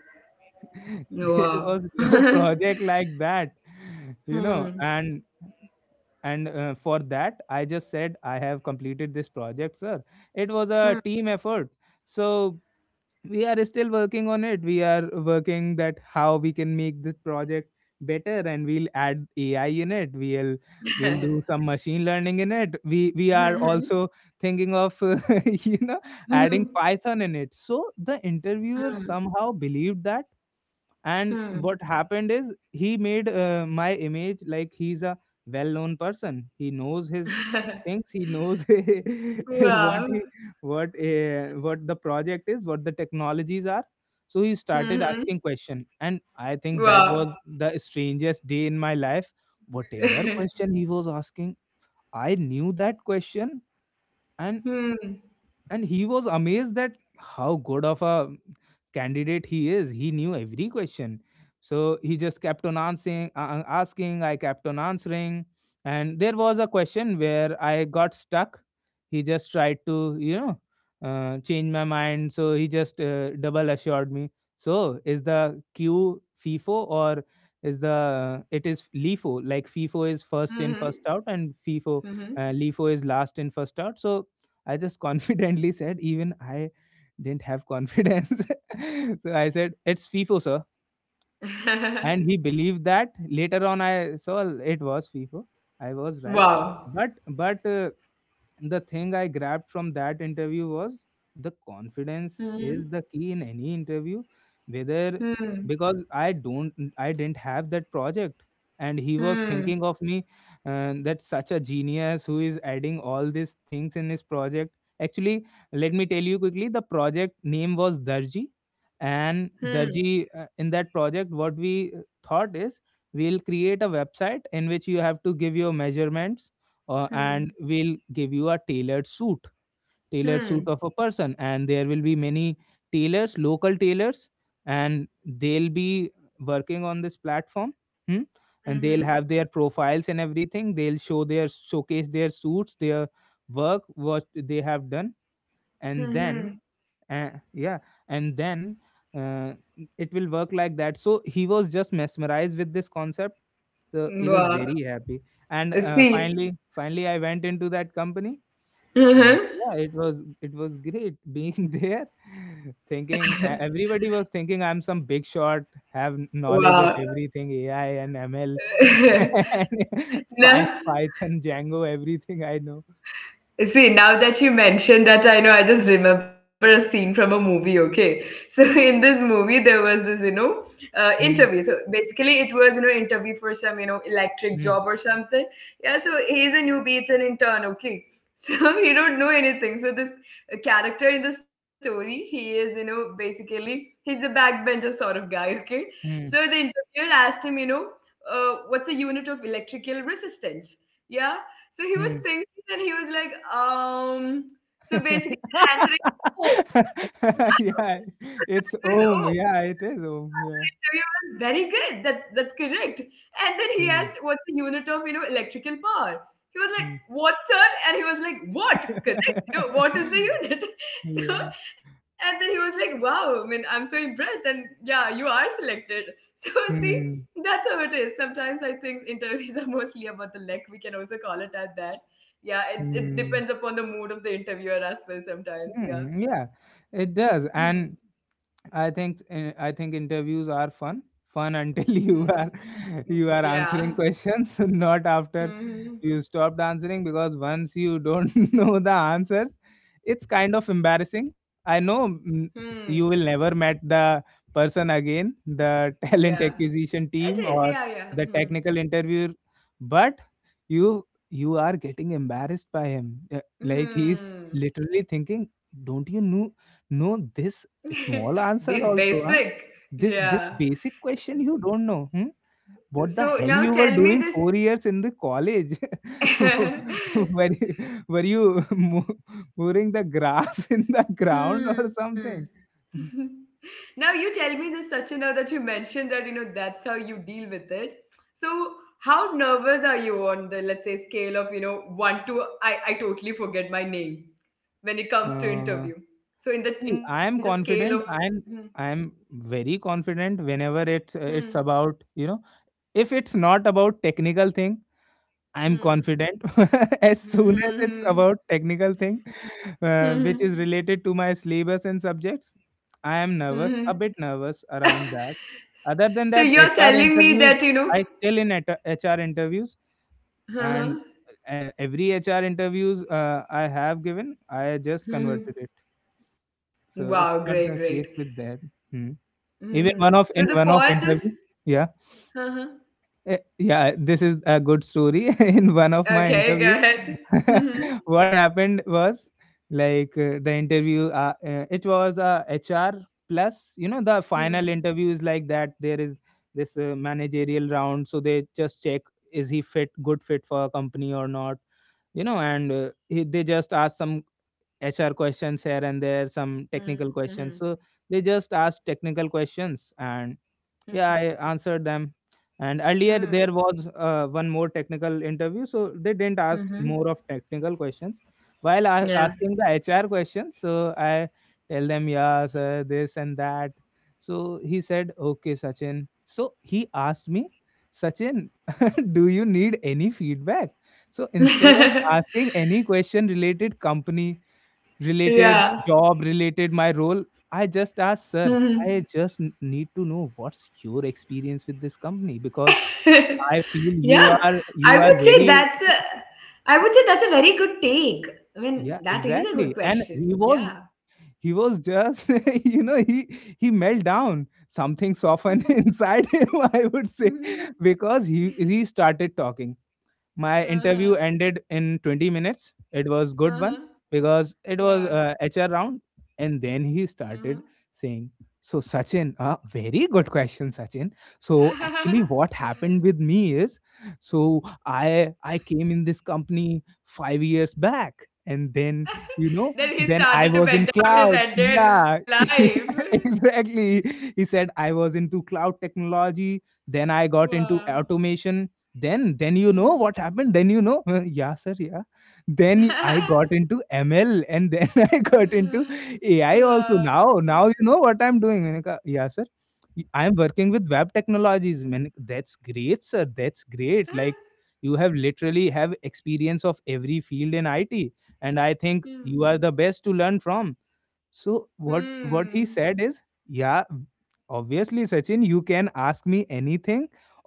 Speaker 2: There
Speaker 1: Wow.
Speaker 2: was no project like that. And for that, I just said I have completed this project, sir. It was a
Speaker 1: Hmm.
Speaker 2: team effort. So we are still working on it. We are working that how we can make this project better, and we'll add ai in it. We'll do some machine learning in it. We are also thinking of you know adding python in it. So the interviewer somehow believed that, and what happened is he made my image like he's a well-known person. He knows his things. He knows what
Speaker 1: Wow.
Speaker 2: he what the project is, what the technologies are. So he started
Speaker 1: Mm-hmm.
Speaker 2: asking question, and I think that
Speaker 1: Wow.
Speaker 2: was the strangest day in my life. Whatever question he was asking, I knew that question. and
Speaker 1: Hmm.
Speaker 2: and he was amazed that how good of a candidate he is. He knew every question, so he just kept on answering asking. I kept on answering, and there was a question where I got stuck. He just tried to change my mind. So he just double assured me. So is the q FIFO or is the it is lifo. Like fifo is first in first
Speaker 1: Mm-hmm.
Speaker 2: out, and fifo
Speaker 1: Mm-hmm.
Speaker 2: lifo is last in first out. So I just confidently said, even I didn't have confidence. So I said, it's FIFO, sir, and he believed that. Later on I saw it was fifa. I was right.
Speaker 1: Wow.
Speaker 2: But but uh, the thing I grabbed from that interview was the
Speaker 1: Hmm.
Speaker 2: confidence is the key in any interview, whether,
Speaker 1: Hmm.
Speaker 2: because I didn't have that project and he was
Speaker 1: Hmm.
Speaker 2: thinking of me that such a genius who is adding all these things in his project. Actually, let me tell you quickly, the project name was darji, and
Speaker 1: Hmm.
Speaker 2: darji in that project what we thought is we'll create a website in which you have to give your measurements, and
Speaker 1: Hmm.
Speaker 2: we'll give you a tailored suit, tailored
Speaker 1: Hmm.
Speaker 2: suit of a person, and there will be many tailors, local tailors, and they'll be working on this platform. Hmm? And they'll
Speaker 1: Hmm.
Speaker 2: have their profiles and everything. They'll show their showcase their suits, their work, what they have done. And then
Speaker 1: Uhum.
Speaker 2: yeah. And then uh, it will work like that. So he was just mesmerized with this concept, so he was
Speaker 1: Wow.
Speaker 2: very happy. And
Speaker 1: Sim.
Speaker 2: finally I went into that company. And
Speaker 1: Uhum.
Speaker 2: yeah, it was, it was great being there, thinking everybody was thinking I'm some big shot, have knowledge
Speaker 1: Wow.
Speaker 2: of everything, ai and ml. And
Speaker 1: Não?
Speaker 2: Python, django, everything I know.
Speaker 1: See, now that you mentioned that, I know, I just remember a scene from a movie, okay? So, in this movie, there was this, interview.
Speaker 2: Hmm,
Speaker 1: So, basically, it was, interview for some, electric
Speaker 2: hmm,
Speaker 1: job or something. Yeah, so he's a newbie, it's an intern, okay? So, he don't know anything. So, this character in the story, he is, basically, he's the backbencher sort of guy, okay? So, the
Speaker 2: hmm,
Speaker 1: interviewer asked him, what's a unit of electrical resistance? Yeah, so he was
Speaker 2: hmm.
Speaker 1: thinking and he was like, so basically the answer is oh.
Speaker 2: Yeah,
Speaker 1: The answer is
Speaker 2: it's
Speaker 1: oh.
Speaker 2: Om. Yeah, it is Om. Yeah.
Speaker 1: Interview was very good. That's correct. And then he
Speaker 2: Hmm.
Speaker 1: asked, "What's the unit of electrical power?" He was like,
Speaker 2: Hmm.
Speaker 1: "What, sir?" And he was like, "What? Correct? You know, what is the unit?" So,
Speaker 2: Yeah.
Speaker 1: and then he was like, "Wow! I mean, I'm so impressed. And yeah, you are selected." So see,
Speaker 2: Hmm.
Speaker 1: that's how it is. Sometimes I think interviews are mostly about the lack. We can also call it at that. Yeah, it's it depends
Speaker 2: Hmm.
Speaker 1: upon the mood of the interviewer as well. Sometimes, yeah.
Speaker 2: Hmm. Yeah, it
Speaker 1: Hmm.
Speaker 2: does. And I think interviews are fun until
Speaker 1: Hmm. Hmm.
Speaker 2: you are,
Speaker 1: Mm,
Speaker 2: you are
Speaker 1: yeah.
Speaker 2: answering questions, not after
Speaker 1: Hmm, hmm.
Speaker 2: you stopped answering, because once you don't know the answers, it's kind of embarrassing. I know
Speaker 1: Hmm.
Speaker 2: you will never met the person again, the talent
Speaker 1: Yeah.
Speaker 2: acquisition team
Speaker 1: It is.
Speaker 2: or
Speaker 1: Yeah. Yeah.
Speaker 2: the
Speaker 1: Hmm.
Speaker 2: technical interviewer, but you you are getting embarrassed by him. Like he's
Speaker 1: Hmm.
Speaker 2: literally thinking, "Don't you know this small
Speaker 1: This
Speaker 2: answer also,
Speaker 1: basic.
Speaker 2: huh? This
Speaker 1: Yeah.
Speaker 2: this basic
Speaker 1: S-
Speaker 2: question you don't know. Hmm? What the
Speaker 1: So
Speaker 2: hell
Speaker 1: now
Speaker 2: you were
Speaker 1: tell me
Speaker 2: doing
Speaker 1: this.
Speaker 2: 4 years in the college? Were, were you mowing the grass in the ground or
Speaker 1: Hmm.
Speaker 2: something?"
Speaker 1: Now you tell me this, Sachin. Now that you mentioned that, you know that's how you deal with it. So how nervous are you on the let's say scale of one to I totally forget my name when it comes to
Speaker 2: Uh,
Speaker 1: interview. So in
Speaker 2: See,
Speaker 1: the
Speaker 2: I am
Speaker 1: scale of
Speaker 2: confident.
Speaker 1: hmm.
Speaker 2: I'm very confident whenever it's
Speaker 1: Hmm.
Speaker 2: about, you know, if it's not about technical thing, I'm
Speaker 1: Hmm.
Speaker 2: confident. As soon as it's
Speaker 1: Hmm.
Speaker 2: about technical thing, which
Speaker 1: Hmm.
Speaker 2: is related to my syllabus and subjects, I am
Speaker 1: Hmm.
Speaker 2: nervous, a bit nervous around that. Other
Speaker 1: So
Speaker 2: than that,
Speaker 1: you're
Speaker 2: HR
Speaker 1: telling me that,
Speaker 2: interviews,
Speaker 1: you know.
Speaker 2: I still in HR interviews,
Speaker 1: Uh-huh.
Speaker 2: and every HR interviews I have given, I just
Speaker 1: Hmm.
Speaker 2: converted it.
Speaker 1: Wow,
Speaker 2: So it's
Speaker 1: great,
Speaker 2: not
Speaker 1: great.
Speaker 2: the case with that. Hmm.
Speaker 1: Hmm.
Speaker 2: Even one
Speaker 1: So
Speaker 2: of
Speaker 1: the
Speaker 2: in one of
Speaker 1: point is.
Speaker 2: interview, yeah.
Speaker 1: Uh-huh.
Speaker 2: Yeah, this is a good story. In one of my
Speaker 1: Okay, go
Speaker 2: interviews,
Speaker 1: ahead. Hmm.
Speaker 2: what happened was like it was a HR plus, you know, the
Speaker 1: Hmm.
Speaker 2: final interview is like that. There is this managerial round. So they just check is he fit, good fit for a company or not, you know, and they just ask some HR questions here and there, some technical
Speaker 1: Hmm.
Speaker 2: questions. So they just ask technical questions, and
Speaker 1: Hmm.
Speaker 2: yeah, I answered them. And earlier there
Speaker 1: Hmm.
Speaker 2: was one more technical interview, so they didn't ask
Speaker 1: Hmm.
Speaker 2: more of technical questions. While
Speaker 1: Yeah.
Speaker 2: asking the HR questions, so I tell them, yeah, sir, this and that. So he said, okay, Sachin. So he asked me, Sachin, do you need any feedback? So instead of asking any question related company, related
Speaker 1: Yeah.
Speaker 2: job, related my role, I just asked, sir,
Speaker 1: Hmm.
Speaker 2: I just need to know what's your experience with this company, because I feel you
Speaker 1: Yeah.
Speaker 2: are,
Speaker 1: I
Speaker 2: you are
Speaker 1: would say
Speaker 2: very,
Speaker 1: that's a. I would say that's a very good take. I mean,
Speaker 2: yeah,
Speaker 1: that is a good
Speaker 2: exactly. And he
Speaker 1: question.
Speaker 2: was,
Speaker 1: Yeah.
Speaker 2: he was just you know, he melt down, something
Speaker 1: Hmm.
Speaker 2: softened inside him, I would say,
Speaker 1: Mhm.
Speaker 2: because he started talking. My interview
Speaker 1: Uh-huh.
Speaker 2: ended in 20 minutes. It was good one
Speaker 1: Uh-huh.
Speaker 2: because it was
Speaker 1: Wow.
Speaker 2: HR round. And then he
Speaker 1: Uh-huh.
Speaker 2: started saying, "So Sachin, very good question, Sachin. So actually, what happened with me is, so I came in this company 5 years back." And then, you know,
Speaker 1: Then he
Speaker 2: then I
Speaker 1: started to
Speaker 2: was in
Speaker 1: bend down his
Speaker 2: cloud.
Speaker 1: entire
Speaker 2: Yeah,
Speaker 1: life.
Speaker 2: exactly. He said I was into cloud technology. Then I got into
Speaker 1: Wow.
Speaker 2: automation. Then you know
Speaker 1: Hmm.
Speaker 2: what happened? Then you know, yeah, sir, yeah. Then I got into ML, and then I got into AI also. Now
Speaker 1: Wow.
Speaker 2: now you know what I'm doing. मैंने कहा, Yeah, sir. I am working with web technologies. मैंने कहा, That's great, sir. That's great. Like
Speaker 1: Hmm.
Speaker 2: you have literally have experience of every field in IT, and I think you are the best to learn from. So what
Speaker 1: Hmm.
Speaker 2: what he said is, yeah, obviously Sachin, you can ask me anything.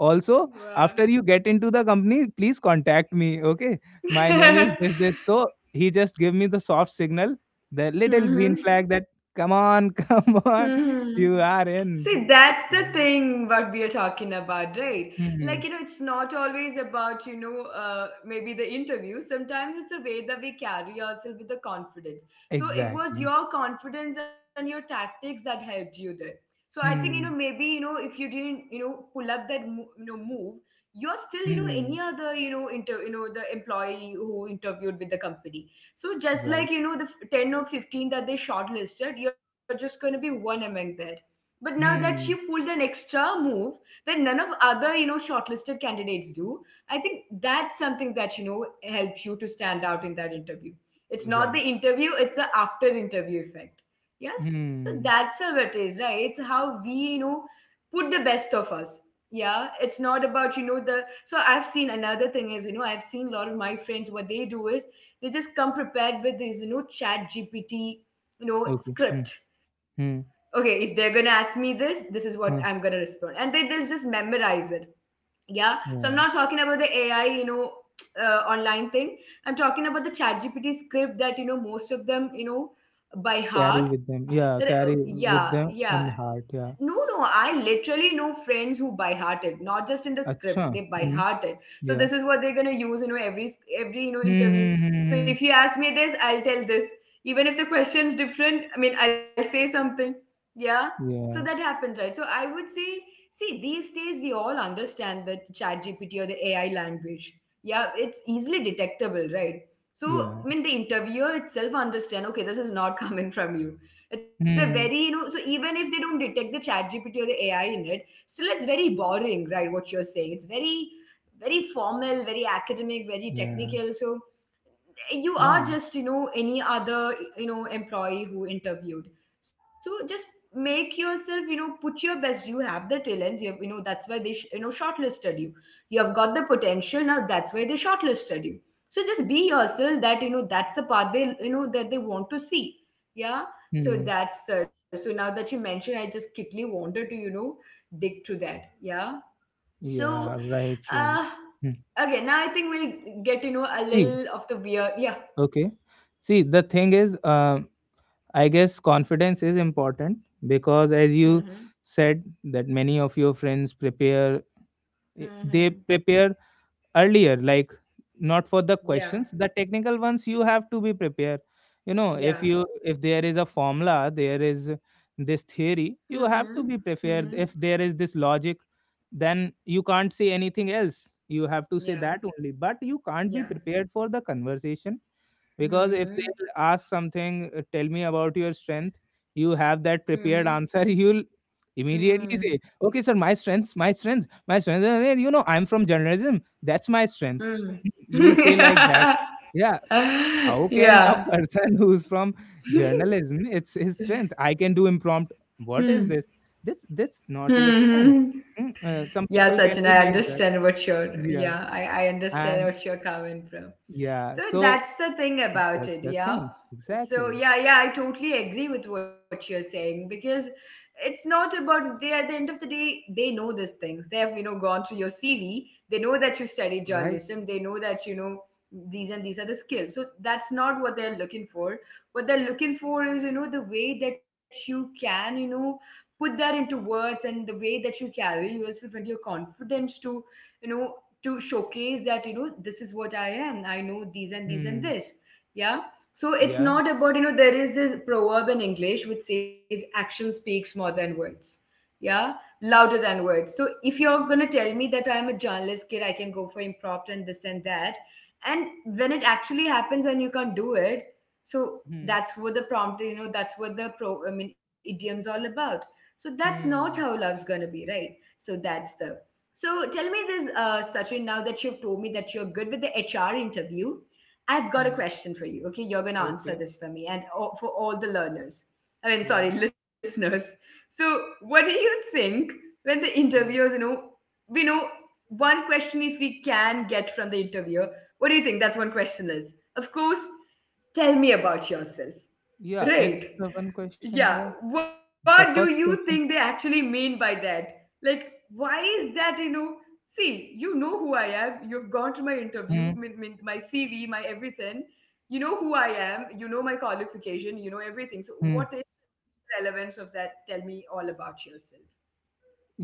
Speaker 2: Also,
Speaker 1: Wow.
Speaker 2: after you get into the company, please contact me. Okay, my name is this this. So he just gave me the soft signal, the little green
Speaker 1: Mm-hmm.
Speaker 2: flag that come on, come on,
Speaker 1: Mm-hmm.
Speaker 2: you are
Speaker 1: See,
Speaker 2: in. So
Speaker 1: that's the
Speaker 2: it's like-
Speaker 1: thing what we are talking about, right? Like,
Speaker 2: Hmm.
Speaker 1: it's not always about, maybe the interview. Sometimes it's a way that we carry ourselves with the confidence. So it was
Speaker 2: Exactly.
Speaker 1: your confidence and your tactics that helped you there. So I think,
Speaker 2: Hmm.
Speaker 1: if you didn't, pull up that, move, you're still, any
Speaker 2: Hmm.
Speaker 1: other, the employee who interviewed with the company. So just
Speaker 2: Right.
Speaker 1: like, the 10 or 15 that they shortlisted, you're just going to be one among there. But now that she
Speaker 2: Hmm.
Speaker 1: pulled an extra move that none of other, shortlisted candidates do, I think that's something that, helps you to stand out in that interview. It's not
Speaker 2: Right.
Speaker 1: the interview, it's the after interview effect. Yeah, so that's
Speaker 2: Hmm.
Speaker 1: how it is, right? It's how we, put the best of us. Yeah, it's not about, the. So I've seen another thing is, I've seen a lot of my friends, what they do is they just come prepared with this, chat GPT,
Speaker 2: Okay. Hmm.
Speaker 1: script,
Speaker 2: Hmm.
Speaker 1: okay, if they're gonna ask me this, this is
Speaker 2: Hmm.
Speaker 1: what I'm gonna respond. And they, they'll just memorize it. Yeah. So
Speaker 2: Yeah.
Speaker 1: I'm not talking about the AI, online thing. I'm talking about the chat GPT script that, most of them, by
Speaker 2: Carry with
Speaker 1: heart,
Speaker 2: them. Yeah,
Speaker 1: that
Speaker 2: carry
Speaker 1: yeah,
Speaker 2: with them
Speaker 1: yeah,
Speaker 2: in heart. Yeah.
Speaker 1: no, no, I literally know friends who by hearted, not just in the script,
Speaker 2: Acha.
Speaker 1: they by
Speaker 2: Hmm.
Speaker 1: hearted. So
Speaker 2: Yeah.
Speaker 1: this is what they're gonna use, every interview. So
Speaker 2: Mm-hmm.
Speaker 1: if you ask me this, I'll tell this. Even if the question's different, I mean, I'll say something. Yeah. So that
Speaker 2: Yeah.
Speaker 1: happened, right? So I would say, see, these days we all understand the Chat GPT or the AI language. Yeah, it's easily detectable, right? So
Speaker 2: Yeah.
Speaker 1: I mean, the interviewer itself understand. Okay, this is not coming from you, it's a very,
Speaker 2: Hmm.
Speaker 1: so even if they don't detect the chat GPT or the AI in it, still it's very boring, right? What you're saying. It's very, very formal, very academic, very
Speaker 2: Yeah.
Speaker 1: technical. So you are
Speaker 2: Yeah.
Speaker 1: just any other employee who interviewed. So just make yourself put your best. You have the talents, you have that's why they shortlisted you. You have got the potential, now that's why they shortlisted you. So just be yourself, that that's the part they that they want to see. Yeah, so
Speaker 2: Hmm.
Speaker 1: that's so now that you mentioned I just quickly wanted to dig to that, yeah. So
Speaker 2: Yeah. Right.
Speaker 1: uh
Speaker 2: Right. Hmm.
Speaker 1: okay, now I think we'll get a
Speaker 2: See.
Speaker 1: little of the weird, yeah.
Speaker 2: Okay. See, the thing is, I guess confidence is important because, as
Speaker 1: Mhm.
Speaker 2: you said, that many of your friends prepare. They
Speaker 1: Mhm.
Speaker 2: prepare earlier, like, not for the questions.
Speaker 1: Yeah.
Speaker 2: The technical ones, you have to be prepared. You know,
Speaker 1: Yeah.
Speaker 2: if there is a formula, there is this theory, you have
Speaker 1: Mhm.
Speaker 2: to be
Speaker 1: Mhm.
Speaker 2: prepared. If there is this logic, then you can't say anything else, you have to say
Speaker 1: Yeah.
Speaker 2: that only. But you can't be
Speaker 1: Yeah.
Speaker 2: prepared for the conversation. Because if they
Speaker 1: Mhm.
Speaker 2: ask something, tell me about your strength, you have that
Speaker 1: Mhm.
Speaker 2: prepared answer. You'll immediately
Speaker 1: Mm.
Speaker 2: say, okay sir, my strengths, my strengths, my strengths, you know, I'm from journalism, that's my strength.
Speaker 1: Mm.
Speaker 2: You'll say like that, yeah. How can a
Speaker 1: Yeah.
Speaker 2: person who's from journalism, it's his strength, I can do impromptu,
Speaker 1: Hmm.
Speaker 2: what is this? That's not your
Speaker 1: Hmm.
Speaker 2: strength. Some
Speaker 1: Yeah,
Speaker 2: people
Speaker 1: Sachin,
Speaker 2: can
Speaker 1: I
Speaker 2: be like that.
Speaker 1: understand what you're. Yeah,
Speaker 2: Yeah.
Speaker 1: I understand what
Speaker 2: And
Speaker 1: you're coming from.
Speaker 2: yeah,
Speaker 1: So
Speaker 2: so
Speaker 1: that's the thing about
Speaker 2: that's
Speaker 1: it,
Speaker 2: the
Speaker 1: yeah.
Speaker 2: thing,
Speaker 1: So
Speaker 2: exactly.
Speaker 1: yeah, yeah, I totally agree with what you're saying because it's not about, they at the end of the day they know these things. They have gone through your CV. They know that you studied
Speaker 2: Right.
Speaker 1: journalism. They know that these and these are the skills. So that's not what they're looking for. What they're looking for is the way that you can, put that into words, and the way that you carry yourself and your confidence to you know to showcase that this is what I am, I know these and
Speaker 2: Hmm.
Speaker 1: this. Yeah, so it's
Speaker 2: Yeah.
Speaker 1: not about, there is this proverb in English which says action speaks more than words, yeah, louder than words. So if you're going to tell me that I'm a journalist kid, I can go for impromptu and this and that, and when it actually happens and you can't do it. So
Speaker 2: Hmm.
Speaker 1: that's what the prompt, that's what the pro I mean idiom's all about. So that's not how
Speaker 2: Hmm.
Speaker 1: love's going to be, right? So that's the. So tell me this, Sachin, now that you've told me that you're good with the HR interview, I've got a
Speaker 2: Hmm.
Speaker 1: question for you. Okay, you're going to answer
Speaker 2: Okay.
Speaker 1: this for me and all, for all the learners. I mean,
Speaker 2: Yeah.
Speaker 1: sorry, listeners. So, what do you think when the
Speaker 2: Uh,
Speaker 1: interviewers, we know, one question if we can get from the interviewer, what do you think that's one question is? Of course, tell me about yourself,
Speaker 2: yeah. It's the
Speaker 1: right?
Speaker 2: one question. Yeah.
Speaker 1: Yeah,
Speaker 2: It's the
Speaker 1: what do
Speaker 2: first
Speaker 1: you
Speaker 2: question.
Speaker 1: think they actually mean by that? Like, why is that, See, you know who I am. You've gone to my interview,
Speaker 2: Hmm.
Speaker 1: my CV, my everything. You know who I am. You know my qualification. You know everything. So,
Speaker 2: Hmm.
Speaker 1: what is the relevance of that? Tell me all about yourself.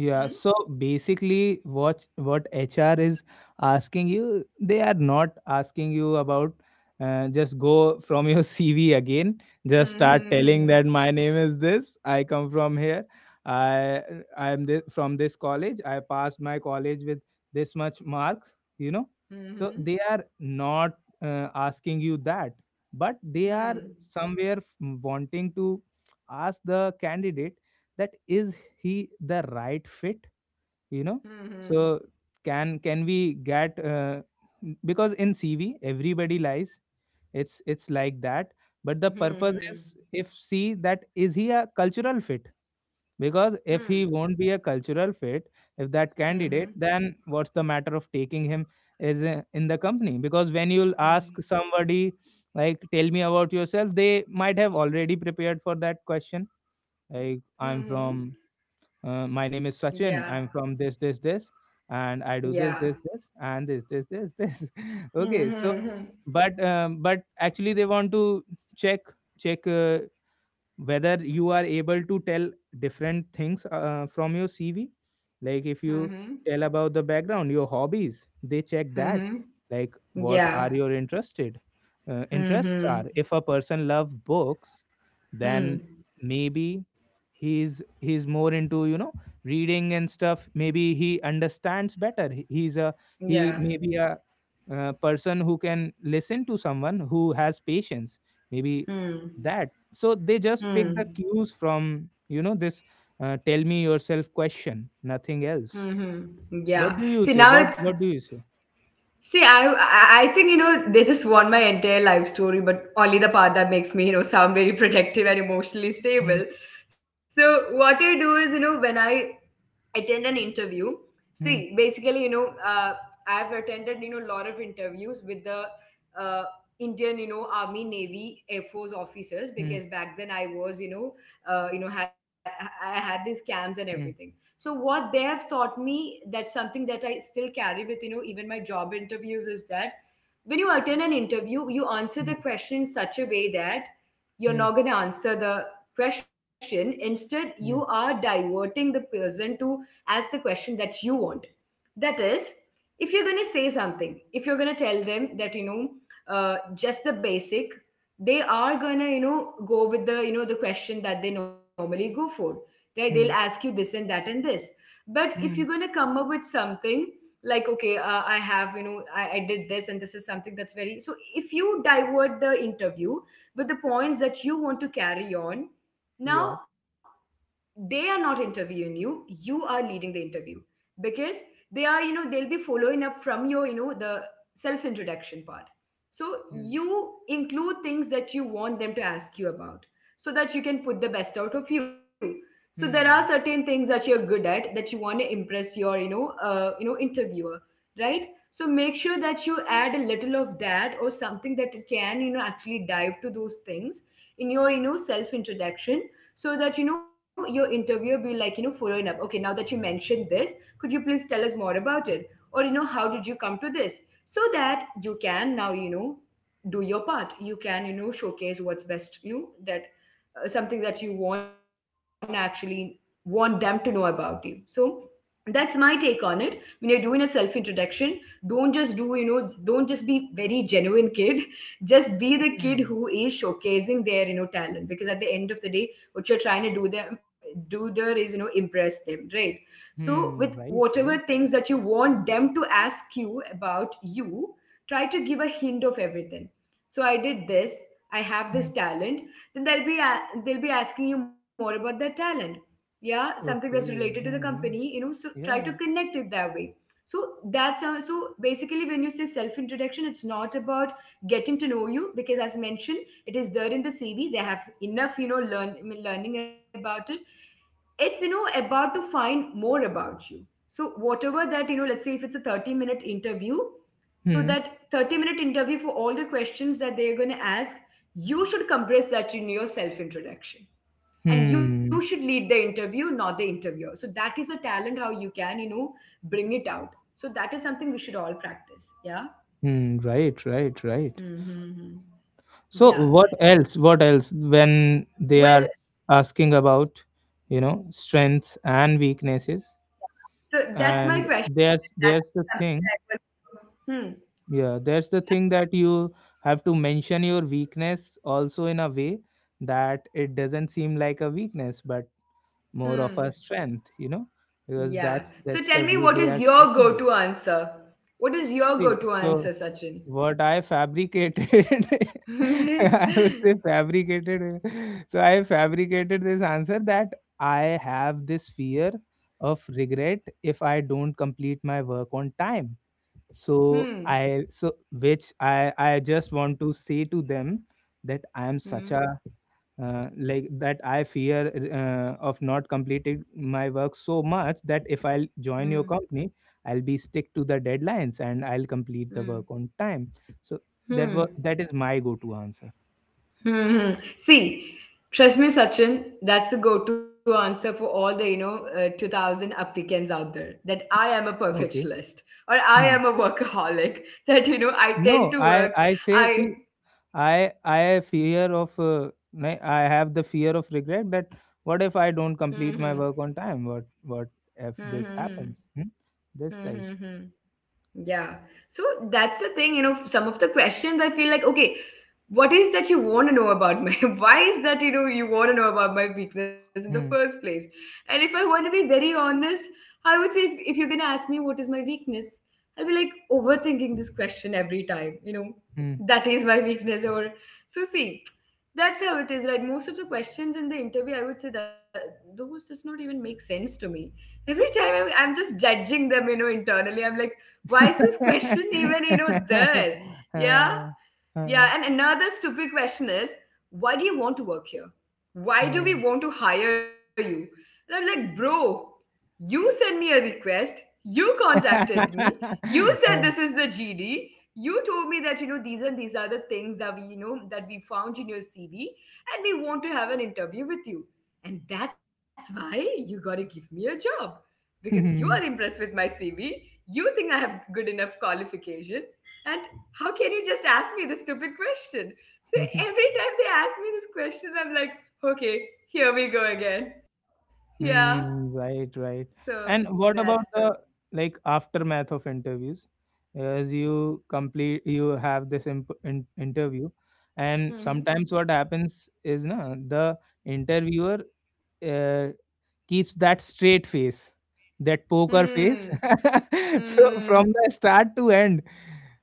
Speaker 1: Hmm?
Speaker 2: so basically, what HR is asking you, they are not asking you about, just go from your CV again, just start telling
Speaker 1: Hmm.
Speaker 2: that my name is this, I come from here, I I am this, from this college, I passed my college with this much marks, you know. So
Speaker 1: Hmm.
Speaker 2: they are not, asking you that, but they are
Speaker 1: Hmm.
Speaker 2: somewhere wanting to ask the candidate, that is he the right fit, you know.
Speaker 1: Hmm.
Speaker 2: So can we get, because in CV everybody lies, it's like that, but the
Speaker 1: Hmm.
Speaker 2: purpose is,
Speaker 1: Hmm.
Speaker 2: if, see, that is he a cultural fit. Because
Speaker 1: Hmm.
Speaker 2: if he won't be a cultural fit, if that
Speaker 1: Hmm.
Speaker 2: candidate, then what's the matter of taking him is in the company. Because when you'll ask
Speaker 1: Hmm.
Speaker 2: somebody like, tell me about yourself, they might have already prepared for that question, like,
Speaker 1: Hmm.
Speaker 2: I'm from, my name is
Speaker 1: Yeah.
Speaker 2: Sachin. I'm from this, this, this, and I do
Speaker 1: Yeah.
Speaker 2: this, this, this, and this, this, this, this. Okay, so,
Speaker 1: Hmm. Hmm.
Speaker 2: but actually they want to check check whether you are able to tell different things from your CV. Like if you
Speaker 1: Mm-hmm.
Speaker 2: tell about the background, your hobbies, they check that.
Speaker 1: Mm-hmm.
Speaker 2: Like, what are
Speaker 1: Yeah.
Speaker 2: your interested interests are.
Speaker 1: Mm-hmm.
Speaker 2: If a person loves books,
Speaker 1: Hmm.
Speaker 2: then maybe he's more into, you know, reading and stuff. Maybe he understands better. He's a, he
Speaker 1: Yeah.
Speaker 2: maybe a, person who can listen to someone who has patience, maybe.
Speaker 1: Hmm.
Speaker 2: That. So they just pick the
Speaker 1: Hmm.
Speaker 2: cues from, you know, this tell me yourself question, nothing else.
Speaker 1: Mm-hmm.
Speaker 2: What
Speaker 1: Yeah.
Speaker 2: do you
Speaker 1: See,
Speaker 2: say,
Speaker 1: now
Speaker 2: what
Speaker 1: it's
Speaker 2: what do you say?
Speaker 1: See, I think they just want my entire life story, but only the part that makes me sound very protective and emotionally
Speaker 2: Hmm,
Speaker 1: stable. So what I do is, when I attend an interview,
Speaker 2: hmm,
Speaker 1: see basically uh, I've attended a lot of interviews with the uh, Indian Army Navy Air Force officers,
Speaker 2: hmm,
Speaker 1: because back then I was I had these camps and everything.
Speaker 2: hmm,
Speaker 1: So what they have taught me, that's something that I still carry with, even my job interviews, is that when you attend an interview, you answer the
Speaker 2: hmm,
Speaker 1: question in such a way that you're
Speaker 2: hmm,
Speaker 1: not going to answer the question. Instead you are
Speaker 2: hmm,
Speaker 1: diverting the person to ask the question that you want. That is, if you're going to say something, if you're going to tell them that just the basic, they are going to go with the the question that they normally go for, right? They'll ask
Speaker 2: hmm,
Speaker 1: you this and that and this. But if you're going to
Speaker 2: hmm.
Speaker 1: come up with something like okay, I have I did this and this is something that's very. So if you divert the interview with the points that you want to carry on now,
Speaker 2: Yeah.
Speaker 1: they are not interviewing you, you are leading the interview. Because they are, they'll be following up from your, the self introduction part. So
Speaker 2: Hmm,
Speaker 1: you include things that you want them to ask you about, so that you can put the best out of you. So there are
Speaker 2: hmm,
Speaker 1: certain things that you're good at that you want to impress your, interviewer, right? So make sure that you add a little of that or something that can actually dive to those things in your, self introduction. So that your interviewer be like, following up, okay now that you mentioned this, could you please tell us more about it, or how did you come to this? So that you can now, do your part, you can showcase what's best, that something that you want, actually want them to know about you. So that's my take on it. When you're doing a self introduction, don't just do, don't just be very genuine kid. Just be the
Speaker 2: hmm,
Speaker 1: kid
Speaker 2: hmm.
Speaker 1: who is showcasing their, talent, because at the end of the day what you're trying to do there is impress them, right? So with
Speaker 2: Hmm, right,
Speaker 1: whatever
Speaker 2: right.
Speaker 1: things that you want them to ask you about, you try to give a hint of everything. So I did this, I have this
Speaker 2: Hmm.
Speaker 1: talent, then they'll be asking you more about that talent. Yeah, something that's related to
Speaker 2: Okay.
Speaker 1: the company,
Speaker 2: Hmm.
Speaker 1: so try to
Speaker 2: Yeah.
Speaker 1: connect it that way. So that's how. So basically when you say self introduction, it's not about getting to know you, because as mentioned, it is there in the CV. They have enough learning about it. It's about to find more about you. So whatever, that let's say if it's a 30-minute interview, so
Speaker 2: Hmm.
Speaker 1: that 30-minute interview, for all the questions that they're going to ask, you should compress that in your self introduction. And you should
Speaker 2: Hmm.
Speaker 1: lead the interview, not the interviewer. So that is a talent, how you can bring it out. So that is something we should all practice. Yeah.
Speaker 2: Hmm. Right. Right. Right.
Speaker 1: Mm-hmm.
Speaker 2: So
Speaker 1: Yeah,
Speaker 2: what else? What else? When they
Speaker 1: well.
Speaker 2: are asking about, you know, strengths and weaknesses,
Speaker 1: So that's my
Speaker 2: and
Speaker 1: question.
Speaker 2: there's
Speaker 1: That's
Speaker 2: there's the
Speaker 1: something that I
Speaker 2: thing.
Speaker 1: will. Hmm.
Speaker 2: Yeah, there's the thing that you have to mention your weakness also in a way that it doesn't seem like a weakness, but
Speaker 1: Hmm.
Speaker 2: more of a strength. You know, because
Speaker 1: Yeah.
Speaker 2: that's
Speaker 1: So tell
Speaker 2: that's
Speaker 1: me,
Speaker 2: the
Speaker 1: what
Speaker 2: way
Speaker 1: is
Speaker 2: they are
Speaker 1: your go-to
Speaker 2: checking it.
Speaker 1: answer? What is your go-to
Speaker 2: See,
Speaker 1: answer,
Speaker 2: so,
Speaker 1: Sachin?
Speaker 2: what I fabricated, I would say
Speaker 1: Hmm.
Speaker 2: fabricated. So I fabricated this answer that I have this fear of regret if I don't complete my work on time. So
Speaker 1: Hmm.
Speaker 2: I, so which I just want to say to them that I am
Speaker 1: Hmm.
Speaker 2: such a, like that, I fear of not completing my work so much that if I'll join your
Speaker 1: Hmm.
Speaker 2: company, I'll be stick to the deadlines and I'll complete the
Speaker 1: Hmm.
Speaker 2: work on time. So that
Speaker 1: Hmm.
Speaker 2: was, that is my go to answer.
Speaker 1: Hmm. See, trust me, Sachin. That's a go-to answer for all the, 2,000 applicants out there. That I am a
Speaker 2: Okay.
Speaker 1: perfectionist or I am a
Speaker 2: Hmm.
Speaker 1: workaholic. That I
Speaker 2: No,
Speaker 1: tend to work.
Speaker 2: I say
Speaker 1: I.
Speaker 2: ki I fear of, nahi, I have the fear of regret that, what if I
Speaker 1: Hmm,
Speaker 2: don't
Speaker 1: hmm.
Speaker 2: complete my work on time, what
Speaker 1: hmm,
Speaker 2: if
Speaker 1: hmm,
Speaker 2: this
Speaker 1: hmm.
Speaker 2: happens, hmm? That's
Speaker 1: hmm,
Speaker 2: the
Speaker 1: hmm,
Speaker 2: issue.
Speaker 1: Hmm. Yeah. So that's the thing, you know, some of the questions I feel like, okay, what is that you want to know about my, why is that, you know, you want to know about my weakness in the first
Speaker 2: Hmm.
Speaker 1: place? And if I want to be very honest, I would say if, you're going to ask me what is my weakness, I'll be like overthinking this question every time, you know,
Speaker 2: Hmm.
Speaker 1: that is my weakness. Or so see, that's how it is, right? Most of the questions in the interview, I would say that those does not even make sense to me. Every time I'm just judging them, you know, internally. I'm like, why is this question even, you know, there?
Speaker 2: Huh,
Speaker 1: Yeah.
Speaker 2: huh,
Speaker 1: Yeah,
Speaker 2: huh.
Speaker 1: and another stupid question is, why do you want to work here? Why do we
Speaker 2: Huh.
Speaker 1: want to hire you? And I'm like, bro, you sent me a request, you contacted me, you said this is the GD, you told me that you know these and these are the things that we, you know, that we found in your CV, and we want to have an interview with you. And that's why you gotta give me a job. Because you are impressed with my CV, you think I have good enough qualification, and how can you just ask me the stupid question? So every time they ask me this question, I'm like, okay, here we go again. Yeah.
Speaker 2: Mm, right, right.
Speaker 1: So
Speaker 2: And
Speaker 1: that's
Speaker 2: what
Speaker 1: the.
Speaker 2: about the, like, aftermath of interviews? As you complete, you have this imp in interview, and
Speaker 1: Hmm.
Speaker 2: sometimes what happens is, na, the interviewer, uh, keeps that straight face, that poker
Speaker 1: Hmm.
Speaker 2: face. So
Speaker 1: Hmm.
Speaker 2: from the start to end,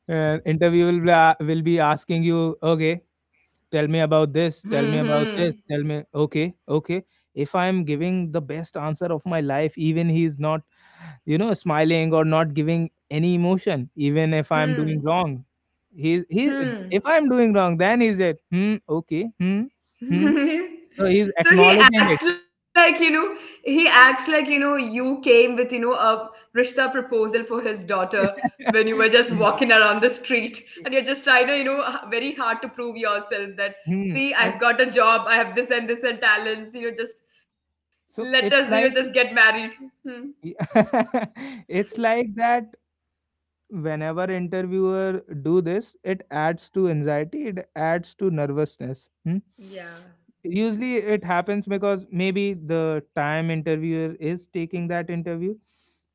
Speaker 2: interview will be, will be asking you, okay, tell me about this, tell me
Speaker 1: Hmm.
Speaker 2: about this,
Speaker 1: Hmm.
Speaker 2: tell me, okay, okay. If I am giving the best answer of my life, even he is not, you know, smiling or not giving any emotion. Even if I am doing
Speaker 1: Hmm.
Speaker 2: wrong. He.
Speaker 1: Hmm.
Speaker 2: If I am doing wrong, then he said, "Hmm, okay, hmm, hmm." So he's
Speaker 1: So he
Speaker 2: acknowledging it.
Speaker 1: acts like, you know, he acts like, you know, you came with, you know, a rishta proposal for his daughter when you were just
Speaker 2: Yeah.
Speaker 1: walking around the street, and you're just trying to, you know, very hard to prove yourself that,
Speaker 2: Hmm.
Speaker 1: see,
Speaker 2: And
Speaker 1: I've got a job, I have this and this and talents, you know, just
Speaker 2: so
Speaker 1: let
Speaker 2: it's
Speaker 1: us, you know,
Speaker 2: like,
Speaker 1: just get married. Hmm.
Speaker 2: it's like that, whenever interviewer do this, it adds to anxiety, it adds to nervousness. Hmm?
Speaker 1: Yeah.
Speaker 2: Usually it happens because maybe the time interviewer is taking that interview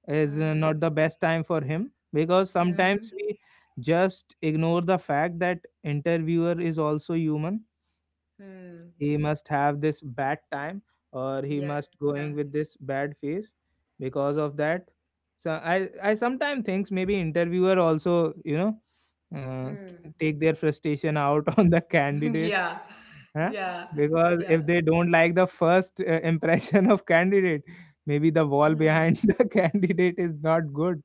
Speaker 2: is not the
Speaker 1: Hmm.
Speaker 2: best time for him, because sometimes we
Speaker 1: Hmm.
Speaker 2: just ignore the fact that interviewer is also human. He
Speaker 1: Hmm.
Speaker 2: must have this bad time, or he must
Speaker 1: Yeah.
Speaker 2: going with this bad face because of that. So I sometimes thinks maybe interviewer also, you know, uh,
Speaker 1: Hmm.
Speaker 2: take their frustration out on the candidates,
Speaker 1: Yeah.
Speaker 2: huh?
Speaker 1: Yeah.
Speaker 2: Because if they
Speaker 1: Yeah.
Speaker 2: don't like the first impression of candidate, maybe the wall
Speaker 1: Hmm.
Speaker 2: behind the candidate is not good.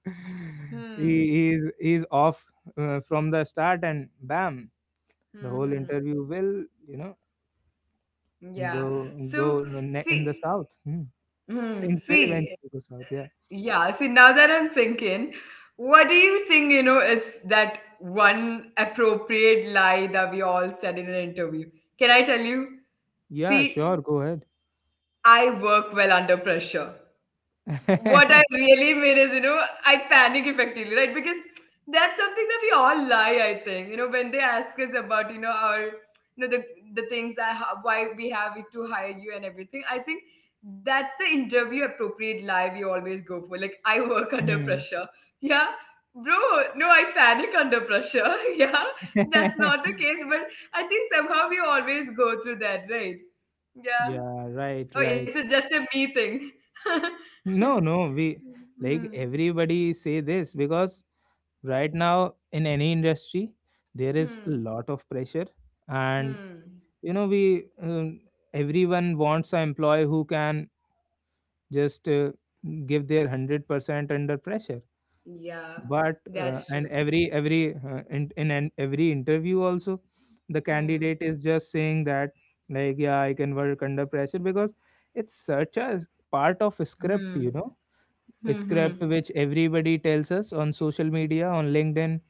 Speaker 1: Hmm.
Speaker 2: He is off from the start, and bam, the whole
Speaker 1: Hmm.
Speaker 2: interview will, you know. Go
Speaker 1: Yeah.
Speaker 2: go
Speaker 1: So
Speaker 2: ne in the
Speaker 1: see,
Speaker 2: south. Hmm.
Speaker 1: mm,
Speaker 2: Things will
Speaker 1: see,
Speaker 2: eventually go south, yeah.
Speaker 1: yeah. See, now that I'm thinking, what do you think? You know, it's that one appropriate lie that we all said in an interview. Can I tell you?
Speaker 2: Yeah,
Speaker 1: See,
Speaker 2: sure, go ahead.
Speaker 1: I work well under pressure. What I really mean is, you know, I panic effectively, right? Because that's something that we all lie, I think. You know, when they ask us about, you know, our, you know, the things that why we have it to hire you and everything, I think that's the interview appropriate lie we always go for. Like, I work under
Speaker 2: Hmm.
Speaker 1: pressure. Yeah, bro. No, I panic under pressure. Yeah, that's not the case. But I think somehow we always go through that, right? Yeah.
Speaker 2: Yeah, right,
Speaker 1: Or is
Speaker 2: right.
Speaker 1: it just a me thing?
Speaker 2: No, no, we, like,
Speaker 1: Hmm.
Speaker 2: everybody say this because right now in any industry there is a
Speaker 1: Hmm.
Speaker 2: lot of pressure, and,
Speaker 1: Hmm.
Speaker 2: you know, we everyone wants an employee who can just, give their 100% under pressure.
Speaker 1: Yeah,
Speaker 2: But
Speaker 1: that's
Speaker 2: and
Speaker 1: true.
Speaker 2: every in an every interview also, the candidate
Speaker 1: Hmm.
Speaker 2: is just saying that, like, yeah, I can work under pressure. Because it's such a part of a script,
Speaker 1: Hmm.
Speaker 2: you know,
Speaker 1: Hmm.
Speaker 2: a
Speaker 1: Hmm.
Speaker 2: script which everybody tells us on social media, on LinkedIn.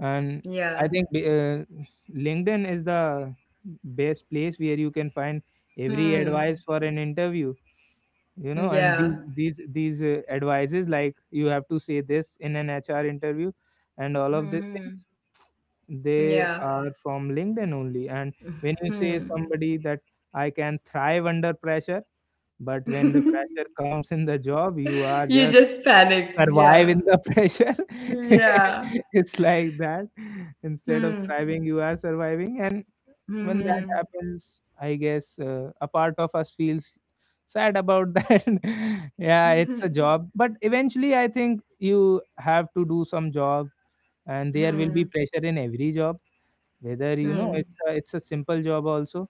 Speaker 2: And
Speaker 1: Yeah.
Speaker 2: I think LinkedIn is the best place where you can find every
Speaker 1: Hmm.
Speaker 2: advice for an interview, you know. And these
Speaker 1: Yeah.
Speaker 2: these these advices, like, you have to say this in an HR interview, and all of
Speaker 1: Hmm.
Speaker 2: these things,
Speaker 1: Hmm.
Speaker 2: they
Speaker 1: Yeah.
Speaker 2: are from LinkedIn only. And when you say
Speaker 1: Hmm.
Speaker 2: somebody that, I can thrive under pressure, but when the pressure comes in the job, you are
Speaker 1: You
Speaker 2: just
Speaker 1: just panic.
Speaker 2: survive in
Speaker 1: Yeah.
Speaker 2: the pressure
Speaker 1: Yeah.
Speaker 2: it's like that. Instead of
Speaker 1: Hmm.
Speaker 2: thriving, you are surviving. And when that
Speaker 1: Hmm.
Speaker 2: happens, I guess a part of us feels sad about that. Yeah,
Speaker 1: Hmm.
Speaker 2: it's a job, but eventually I think you have to do some job. And there will be
Speaker 1: Hmm.
Speaker 2: pressure in every job, whether, you know,
Speaker 1: Hmm.
Speaker 2: it's a simple job also,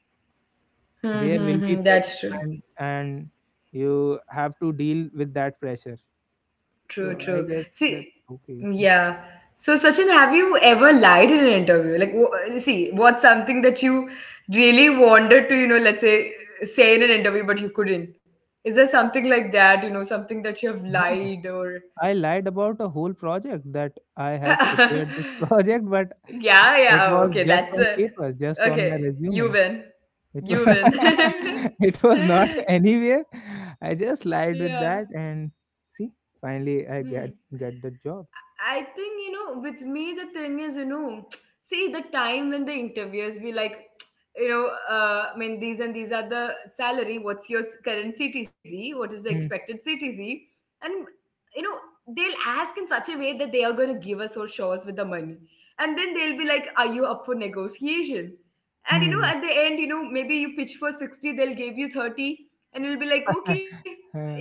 Speaker 2: there
Speaker 1: Hmm.
Speaker 2: will
Speaker 1: Hmm.
Speaker 2: be
Speaker 1: Hmm.
Speaker 2: pressure.
Speaker 1: That's true.
Speaker 2: And you have to deal with that pressure. So
Speaker 1: True,
Speaker 2: I
Speaker 1: true.
Speaker 2: guess
Speaker 1: See,
Speaker 2: that's okay.
Speaker 1: yeah. So, Sachin, have you ever lied in an interview? Like, see, what's something that you really wanted to, let's say, say in an interview, but you couldn't? Is there something like that, you know, something that you have
Speaker 2: Yeah,
Speaker 1: lied or?
Speaker 2: I lied about a whole project, that I have
Speaker 1: Yeah,
Speaker 2: prepared this project, but
Speaker 1: yeah.
Speaker 2: it
Speaker 1: Oh,
Speaker 2: was
Speaker 1: okay,
Speaker 2: just
Speaker 1: that's
Speaker 2: on
Speaker 1: a.
Speaker 2: paper, just on my
Speaker 1: Okay, you
Speaker 2: resume.
Speaker 1: win.
Speaker 2: It was
Speaker 1: You win.
Speaker 2: it was not anywhere. I just lied with
Speaker 1: Yeah.
Speaker 2: that, and see, finally I
Speaker 1: Hmm.
Speaker 2: get the job.
Speaker 1: I think, you know, with me, the thing is, you know, see the time when the interviewers be like, you know, I mean, these and these are the salary. What's your current CTC? What is the
Speaker 2: Hmm.
Speaker 1: expected CTC? And, you know, they'll ask in such a way that they are going to give us or show us with the money. And then they'll be like, are you up for negotiation? And, you know,
Speaker 2: Hmm.
Speaker 1: at the end, you know, maybe you pitch for 60, they'll give you 30, and you'll be like, okay,
Speaker 2: Uh,
Speaker 1: yeah.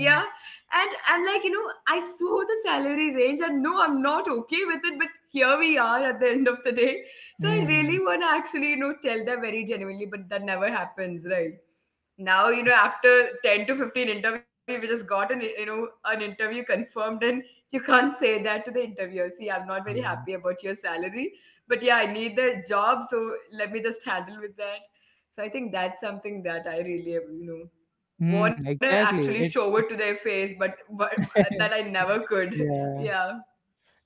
Speaker 1: And I'm like, you know, I saw the salary range and no, I'm not okay with it, but here we are at the end of the day. So I really
Speaker 2: mm,
Speaker 1: want to actually, you know, tell them very genuinely, but that never happens, right? Now, you know, after 10 to 15 interview, we just got an, you know, an interview confirmed, and you can't say that to the interviewer. See, I'm not very
Speaker 2: yeah.
Speaker 1: happy about your salary, but yeah, I need the job. So let me just handle with that. So I think that's something that I really, you know,
Speaker 2: Hmm.
Speaker 1: wanna actually
Speaker 2: Exactly.
Speaker 1: show
Speaker 2: It.
Speaker 1: it to
Speaker 2: it
Speaker 1: their face, but that I never could.
Speaker 2: Yeah.
Speaker 1: Yeah.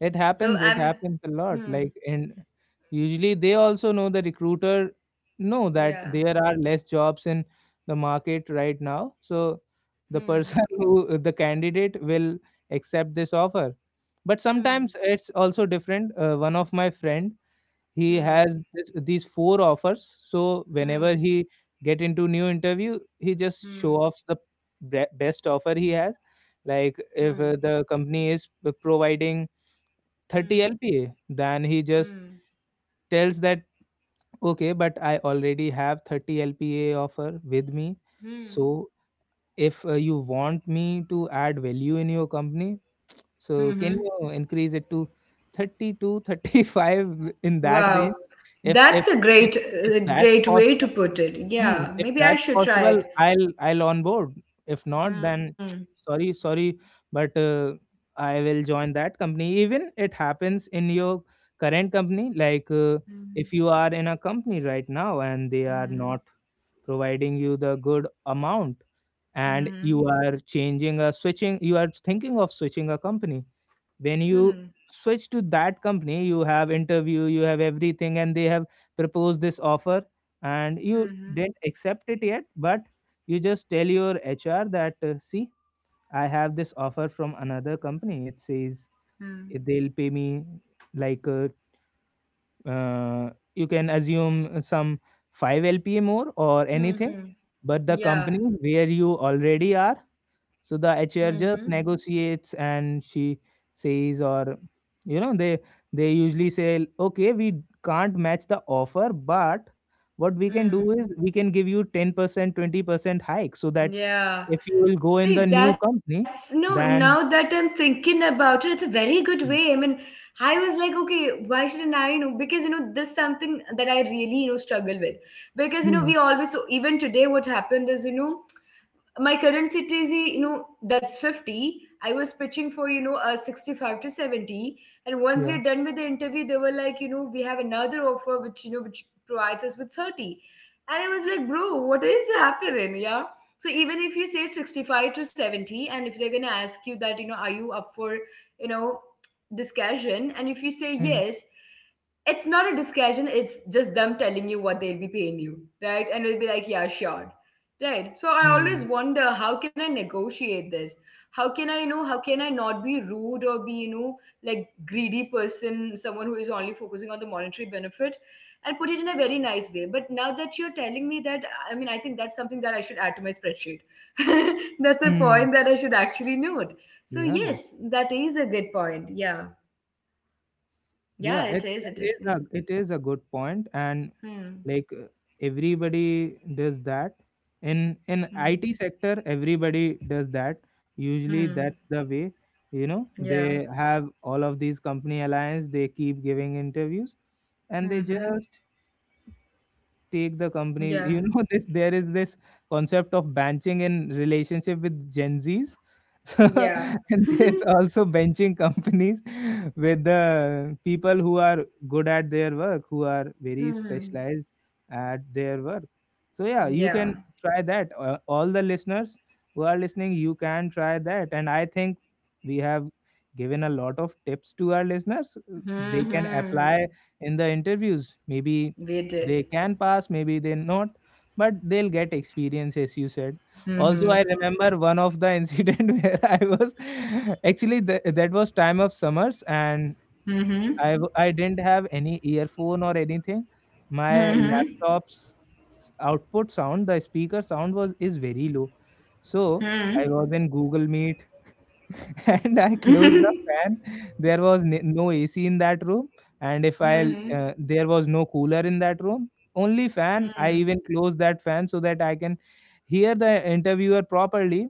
Speaker 2: It
Speaker 1: So
Speaker 2: happens.
Speaker 1: I'm.
Speaker 2: It happens a lot.
Speaker 1: Hmm.
Speaker 2: Like, and usually they also know, the recruiter know that
Speaker 1: Yeah.
Speaker 2: there are less jobs in the market right now. So the
Speaker 1: Hmm.
Speaker 2: person who, the candidate will accept this offer. But sometimes
Speaker 1: Hmm.
Speaker 2: it's also different. One of my friend, he
Speaker 1: Hmm.
Speaker 2: has this, these four offers. So whenever
Speaker 1: Hmm.
Speaker 2: he get into new interview, he just show
Speaker 1: Hmm.
Speaker 2: offs the best offer he has. Like
Speaker 1: Hmm.
Speaker 2: if the company is providing
Speaker 1: Hmm.
Speaker 2: 30
Speaker 1: Hmm.
Speaker 2: LPA. Then he just
Speaker 1: Hmm.
Speaker 2: tells that, okay, but I already have 30 LPA offer with me.
Speaker 1: Hmm.
Speaker 2: So if you want me to add value in your company, so
Speaker 1: Hmm.
Speaker 2: can you increase it to 32, 35 in that
Speaker 1: Wow.
Speaker 2: range? If, if,
Speaker 1: That's a
Speaker 2: if,
Speaker 1: great,
Speaker 2: if that's
Speaker 1: great way to
Speaker 2: possible.
Speaker 1: put it.
Speaker 2: Mm,
Speaker 1: Yeah.
Speaker 2: if
Speaker 1: Maybe I
Speaker 2: that's
Speaker 1: should try
Speaker 2: possible,
Speaker 1: it.
Speaker 2: I'll on board. If not,
Speaker 1: Hmm.
Speaker 2: then sorry, sorry, but I will join that company. Even it happens in your current company, like,
Speaker 1: Hmm.
Speaker 2: if you are in a company right now and they are
Speaker 1: Hmm.
Speaker 2: not providing you the good amount, and
Speaker 1: Hmm.
Speaker 2: you are changing, a switching, you are thinking of switching a company. When
Speaker 1: Hmm.
Speaker 2: you switch to that company, you have interview, you have everything, and they have proposed this offer and you
Speaker 1: Hmm.
Speaker 2: didn't accept it yet, but you just tell your HR that, see, I have this offer from another company, it says
Speaker 1: Hmm.
Speaker 2: they'll pay me like, you can assume some 5 LPA more or
Speaker 1: Hmm.
Speaker 2: anything,
Speaker 1: Hmm.
Speaker 2: but the
Speaker 1: Yeah.
Speaker 2: company where you already are, so the
Speaker 1: Hmm. Hmm.
Speaker 2: HR just negotiates and she says, or you know, they usually say, okay, we can't match the offer, but what we can
Speaker 1: Hmm.
Speaker 2: do is we can give you 10%, 20% hike, so that
Speaker 1: Yeah.
Speaker 2: if you will go in the
Speaker 1: See,
Speaker 2: new
Speaker 1: that's no,
Speaker 2: company,
Speaker 1: now that
Speaker 2: then
Speaker 1: I'm thinking about it, it's a very good way. I
Speaker 2: yeah.
Speaker 1: mean, I was like, okay, why shouldn't I know? Because, you know, this is something that I really, you know, struggle with. Because, you know,
Speaker 2: Hmm,
Speaker 1: so even today, what happened is, you know, my current city, is you know that's 50. I was pitching for, you know, a 65 to 70, and once
Speaker 2: yeah.
Speaker 1: we're done with the interview, they were like, you know, we have another offer which, you know, which provides us with 30. And it was like, bro, what is happening? Yeah. So even if you say 65 to 70, and if they're gonna ask you that, you know, are you up for, you know, discussion, and if you say
Speaker 2: Hmm,
Speaker 1: yes, it's not a discussion, it's just them telling you what they'll be paying you, right? And it'll be like, yeah, sure, right? So I always
Speaker 2: hmm,
Speaker 1: wonder, how can I negotiate this? How can I, you know, how can I not be rude or be, you know, like greedy person, someone who is only focusing on the monetary benefit, and put it in a very nice way? But now that you're telling me that, I mean, I think that's something that I should add to my spreadsheet. That's a
Speaker 2: hmm.
Speaker 1: point that I should actually note. So
Speaker 2: Yeah.
Speaker 1: yes, that is a good point, yeah.
Speaker 2: Yeah,
Speaker 1: Yeah, it is, it is. Mhm.
Speaker 2: it is a good point, and
Speaker 1: Hmm.
Speaker 2: like, everybody does that in IT sector. Everybody does that. Usually,
Speaker 1: Hmm.
Speaker 2: that's the way. You know,
Speaker 1: Yeah.
Speaker 2: they have all of these company alliance. They keep giving interviews, and they
Speaker 1: Mm-hmm.
Speaker 2: just take the companies,
Speaker 1: Yeah.
Speaker 2: you know. This, there is this concept of benching in relationship with Gen Z's so,
Speaker 1: Yeah.
Speaker 2: and there's also benching companies with the people who are good at their work, who are very
Speaker 1: Hmm.
Speaker 2: specialized at their work. So yeah, you
Speaker 1: Yeah.
Speaker 2: can try that. All the listeners who are listening, you can try that. And I think we have given a lot of tips to our listeners. They can
Speaker 1: Hmm.
Speaker 2: apply in the interviews, maybe
Speaker 1: We
Speaker 2: they
Speaker 1: did.
Speaker 2: can pass, maybe they not, but they'll get experience, as you said. Also, I
Speaker 1: Hmm.
Speaker 2: remember one of the incident where I was that was time of summers, and
Speaker 1: Hmm.
Speaker 2: I didn't have any earphone or anything.
Speaker 1: Hmm.
Speaker 2: My
Speaker 1: Hmm.
Speaker 2: laptop's output sound, the speaker sound was is very low, so I was in Google Meet and I
Speaker 1: Hmm.
Speaker 2: closed the fan. There was no AC in that room, and if I
Speaker 1: Hmm.
Speaker 2: there was no cooler in that room, only fan. I
Speaker 1: Hmm.
Speaker 2: even closed that fan so that I can hear the interviewer properly.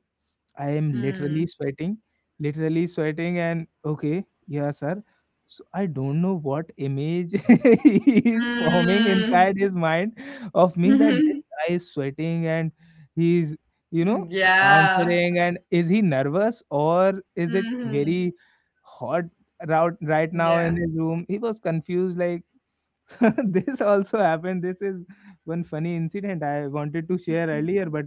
Speaker 2: I am
Speaker 1: Hmm.
Speaker 2: literally sweating, and okay, yeah, sir. So I don't know what image is forming inside his mind of me, that this guy is sweating and he's, you know,
Speaker 1: Yeah.
Speaker 2: answering. And is he nervous or is it
Speaker 1: Hmm.
Speaker 2: very hot route right now
Speaker 1: Yeah.
Speaker 2: in his room? He was confused, like. This also happened. This is one funny incident I wanted to share earlier, but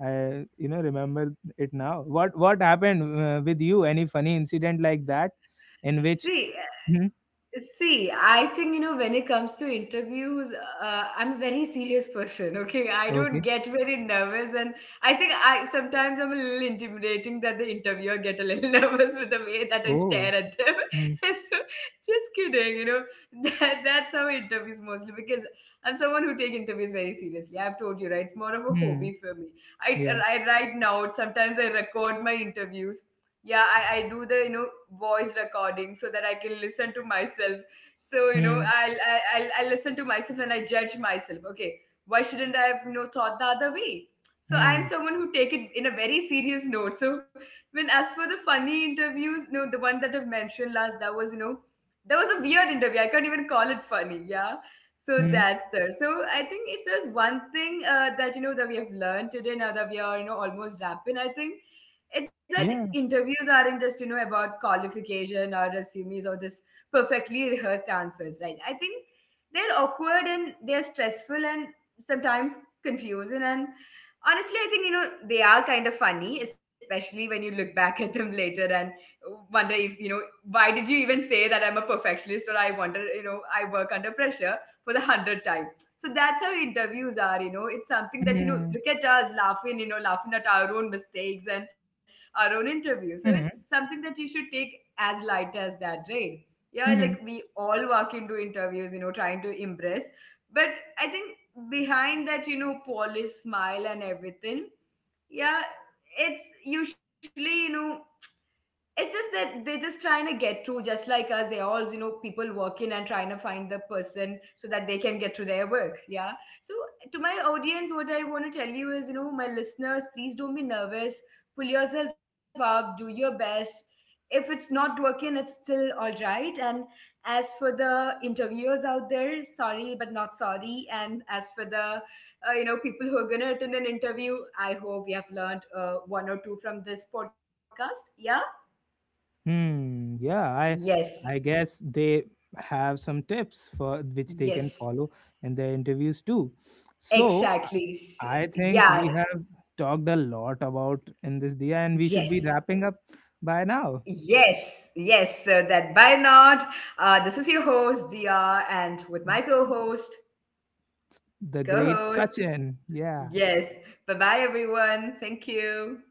Speaker 2: I, you know, remember it now. What happened with you? Any funny incident like that, in which?
Speaker 1: See,
Speaker 2: Hmm,
Speaker 1: See, I think, you know, when it comes to interviews, I'm a very serious person, okay? I don't
Speaker 2: okay.
Speaker 1: get very nervous, and I think I sometimes I'm a little intimidating that the interviewer get a little nervous with the way that I
Speaker 2: Oh.
Speaker 1: stare at them.
Speaker 2: Hmm.
Speaker 1: So, just kidding, you know, that's how I interviews mostly, because I'm someone who take interviews very seriously. I've told you, right? It's more of a
Speaker 2: Hmm.
Speaker 1: hobby for me. I,
Speaker 2: Yeah.
Speaker 1: I write notes, sometimes I record my interviews, yeah. I do the, you know, voice recording so that I can listen to myself. So, you know,
Speaker 2: Hmm.
Speaker 1: I'll listen to myself and I judge myself. Okay, why shouldn't I have, you know, thought the other way? So I am
Speaker 2: Hmm.
Speaker 1: someone who take it in a very serious note. So when, as for the funny interviews, no, the one that I've mentioned last, that was, you know, that was a weird interview. I can't even call it funny, yeah. So
Speaker 2: Hmm.
Speaker 1: that's there. So I think if there's one thing that, you know, that we have learned today, now that we are, you know, almost wrapping, I think it's that
Speaker 2: Yeah.
Speaker 1: interviews aren't just, you know, about qualification or resumes or this perfectly rehearsed answers, right? I think they're awkward and they're stressful and sometimes confusing and honestly, I think, you know, they are kind of funny, especially when you look back at them later and wonder if, you know, why did you even say that I'm a perfectionist, or I wonder, you know, I work under pressure for the 100th time. So that's how interviews are, you know. It's something that, you know,
Speaker 2: Hmm.
Speaker 1: look at us laughing, you know, laughing at our own mistakes and our own interview. So it's
Speaker 2: Hmm.
Speaker 1: something that you should take as light as that, right? Yeah, like we
Speaker 2: Hmm.
Speaker 1: all walk into interviews, you know, trying to impress. But I think behind that, you know, polished smile and everything, yeah, it's usually, you know, it's just that they're just trying to get through just like us. They're all, you know, people working and trying to find the person so that they can get through their work, yeah. So to my audience, what I want to tell you is, you know, my listeners, please don't be nervous, pull yourself up, do your best. If it's not working, it's still all right. And as for the interviewers out there, sorry but not sorry. And as for the, you know, people who are going to attend an interview, I hope you have learned one or two from this podcast, yeah.
Speaker 2: Hmm. Yeah. I
Speaker 1: Yes,
Speaker 2: I guess they have some tips for which they can
Speaker 1: yes,
Speaker 2: follow in their interviews too. So I
Speaker 1: exactly.
Speaker 2: I think
Speaker 1: Yeah,
Speaker 2: we have talked a lot about in this dia, and we
Speaker 1: yes,
Speaker 2: should be wrapping up by now.
Speaker 1: yes, yes. So that by not, this is your host, Dia, and with my co host,
Speaker 2: The
Speaker 1: co
Speaker 2: great
Speaker 1: host.
Speaker 2: Sachin. Yeah.
Speaker 1: Yes, bye bye, everyone. Thank you.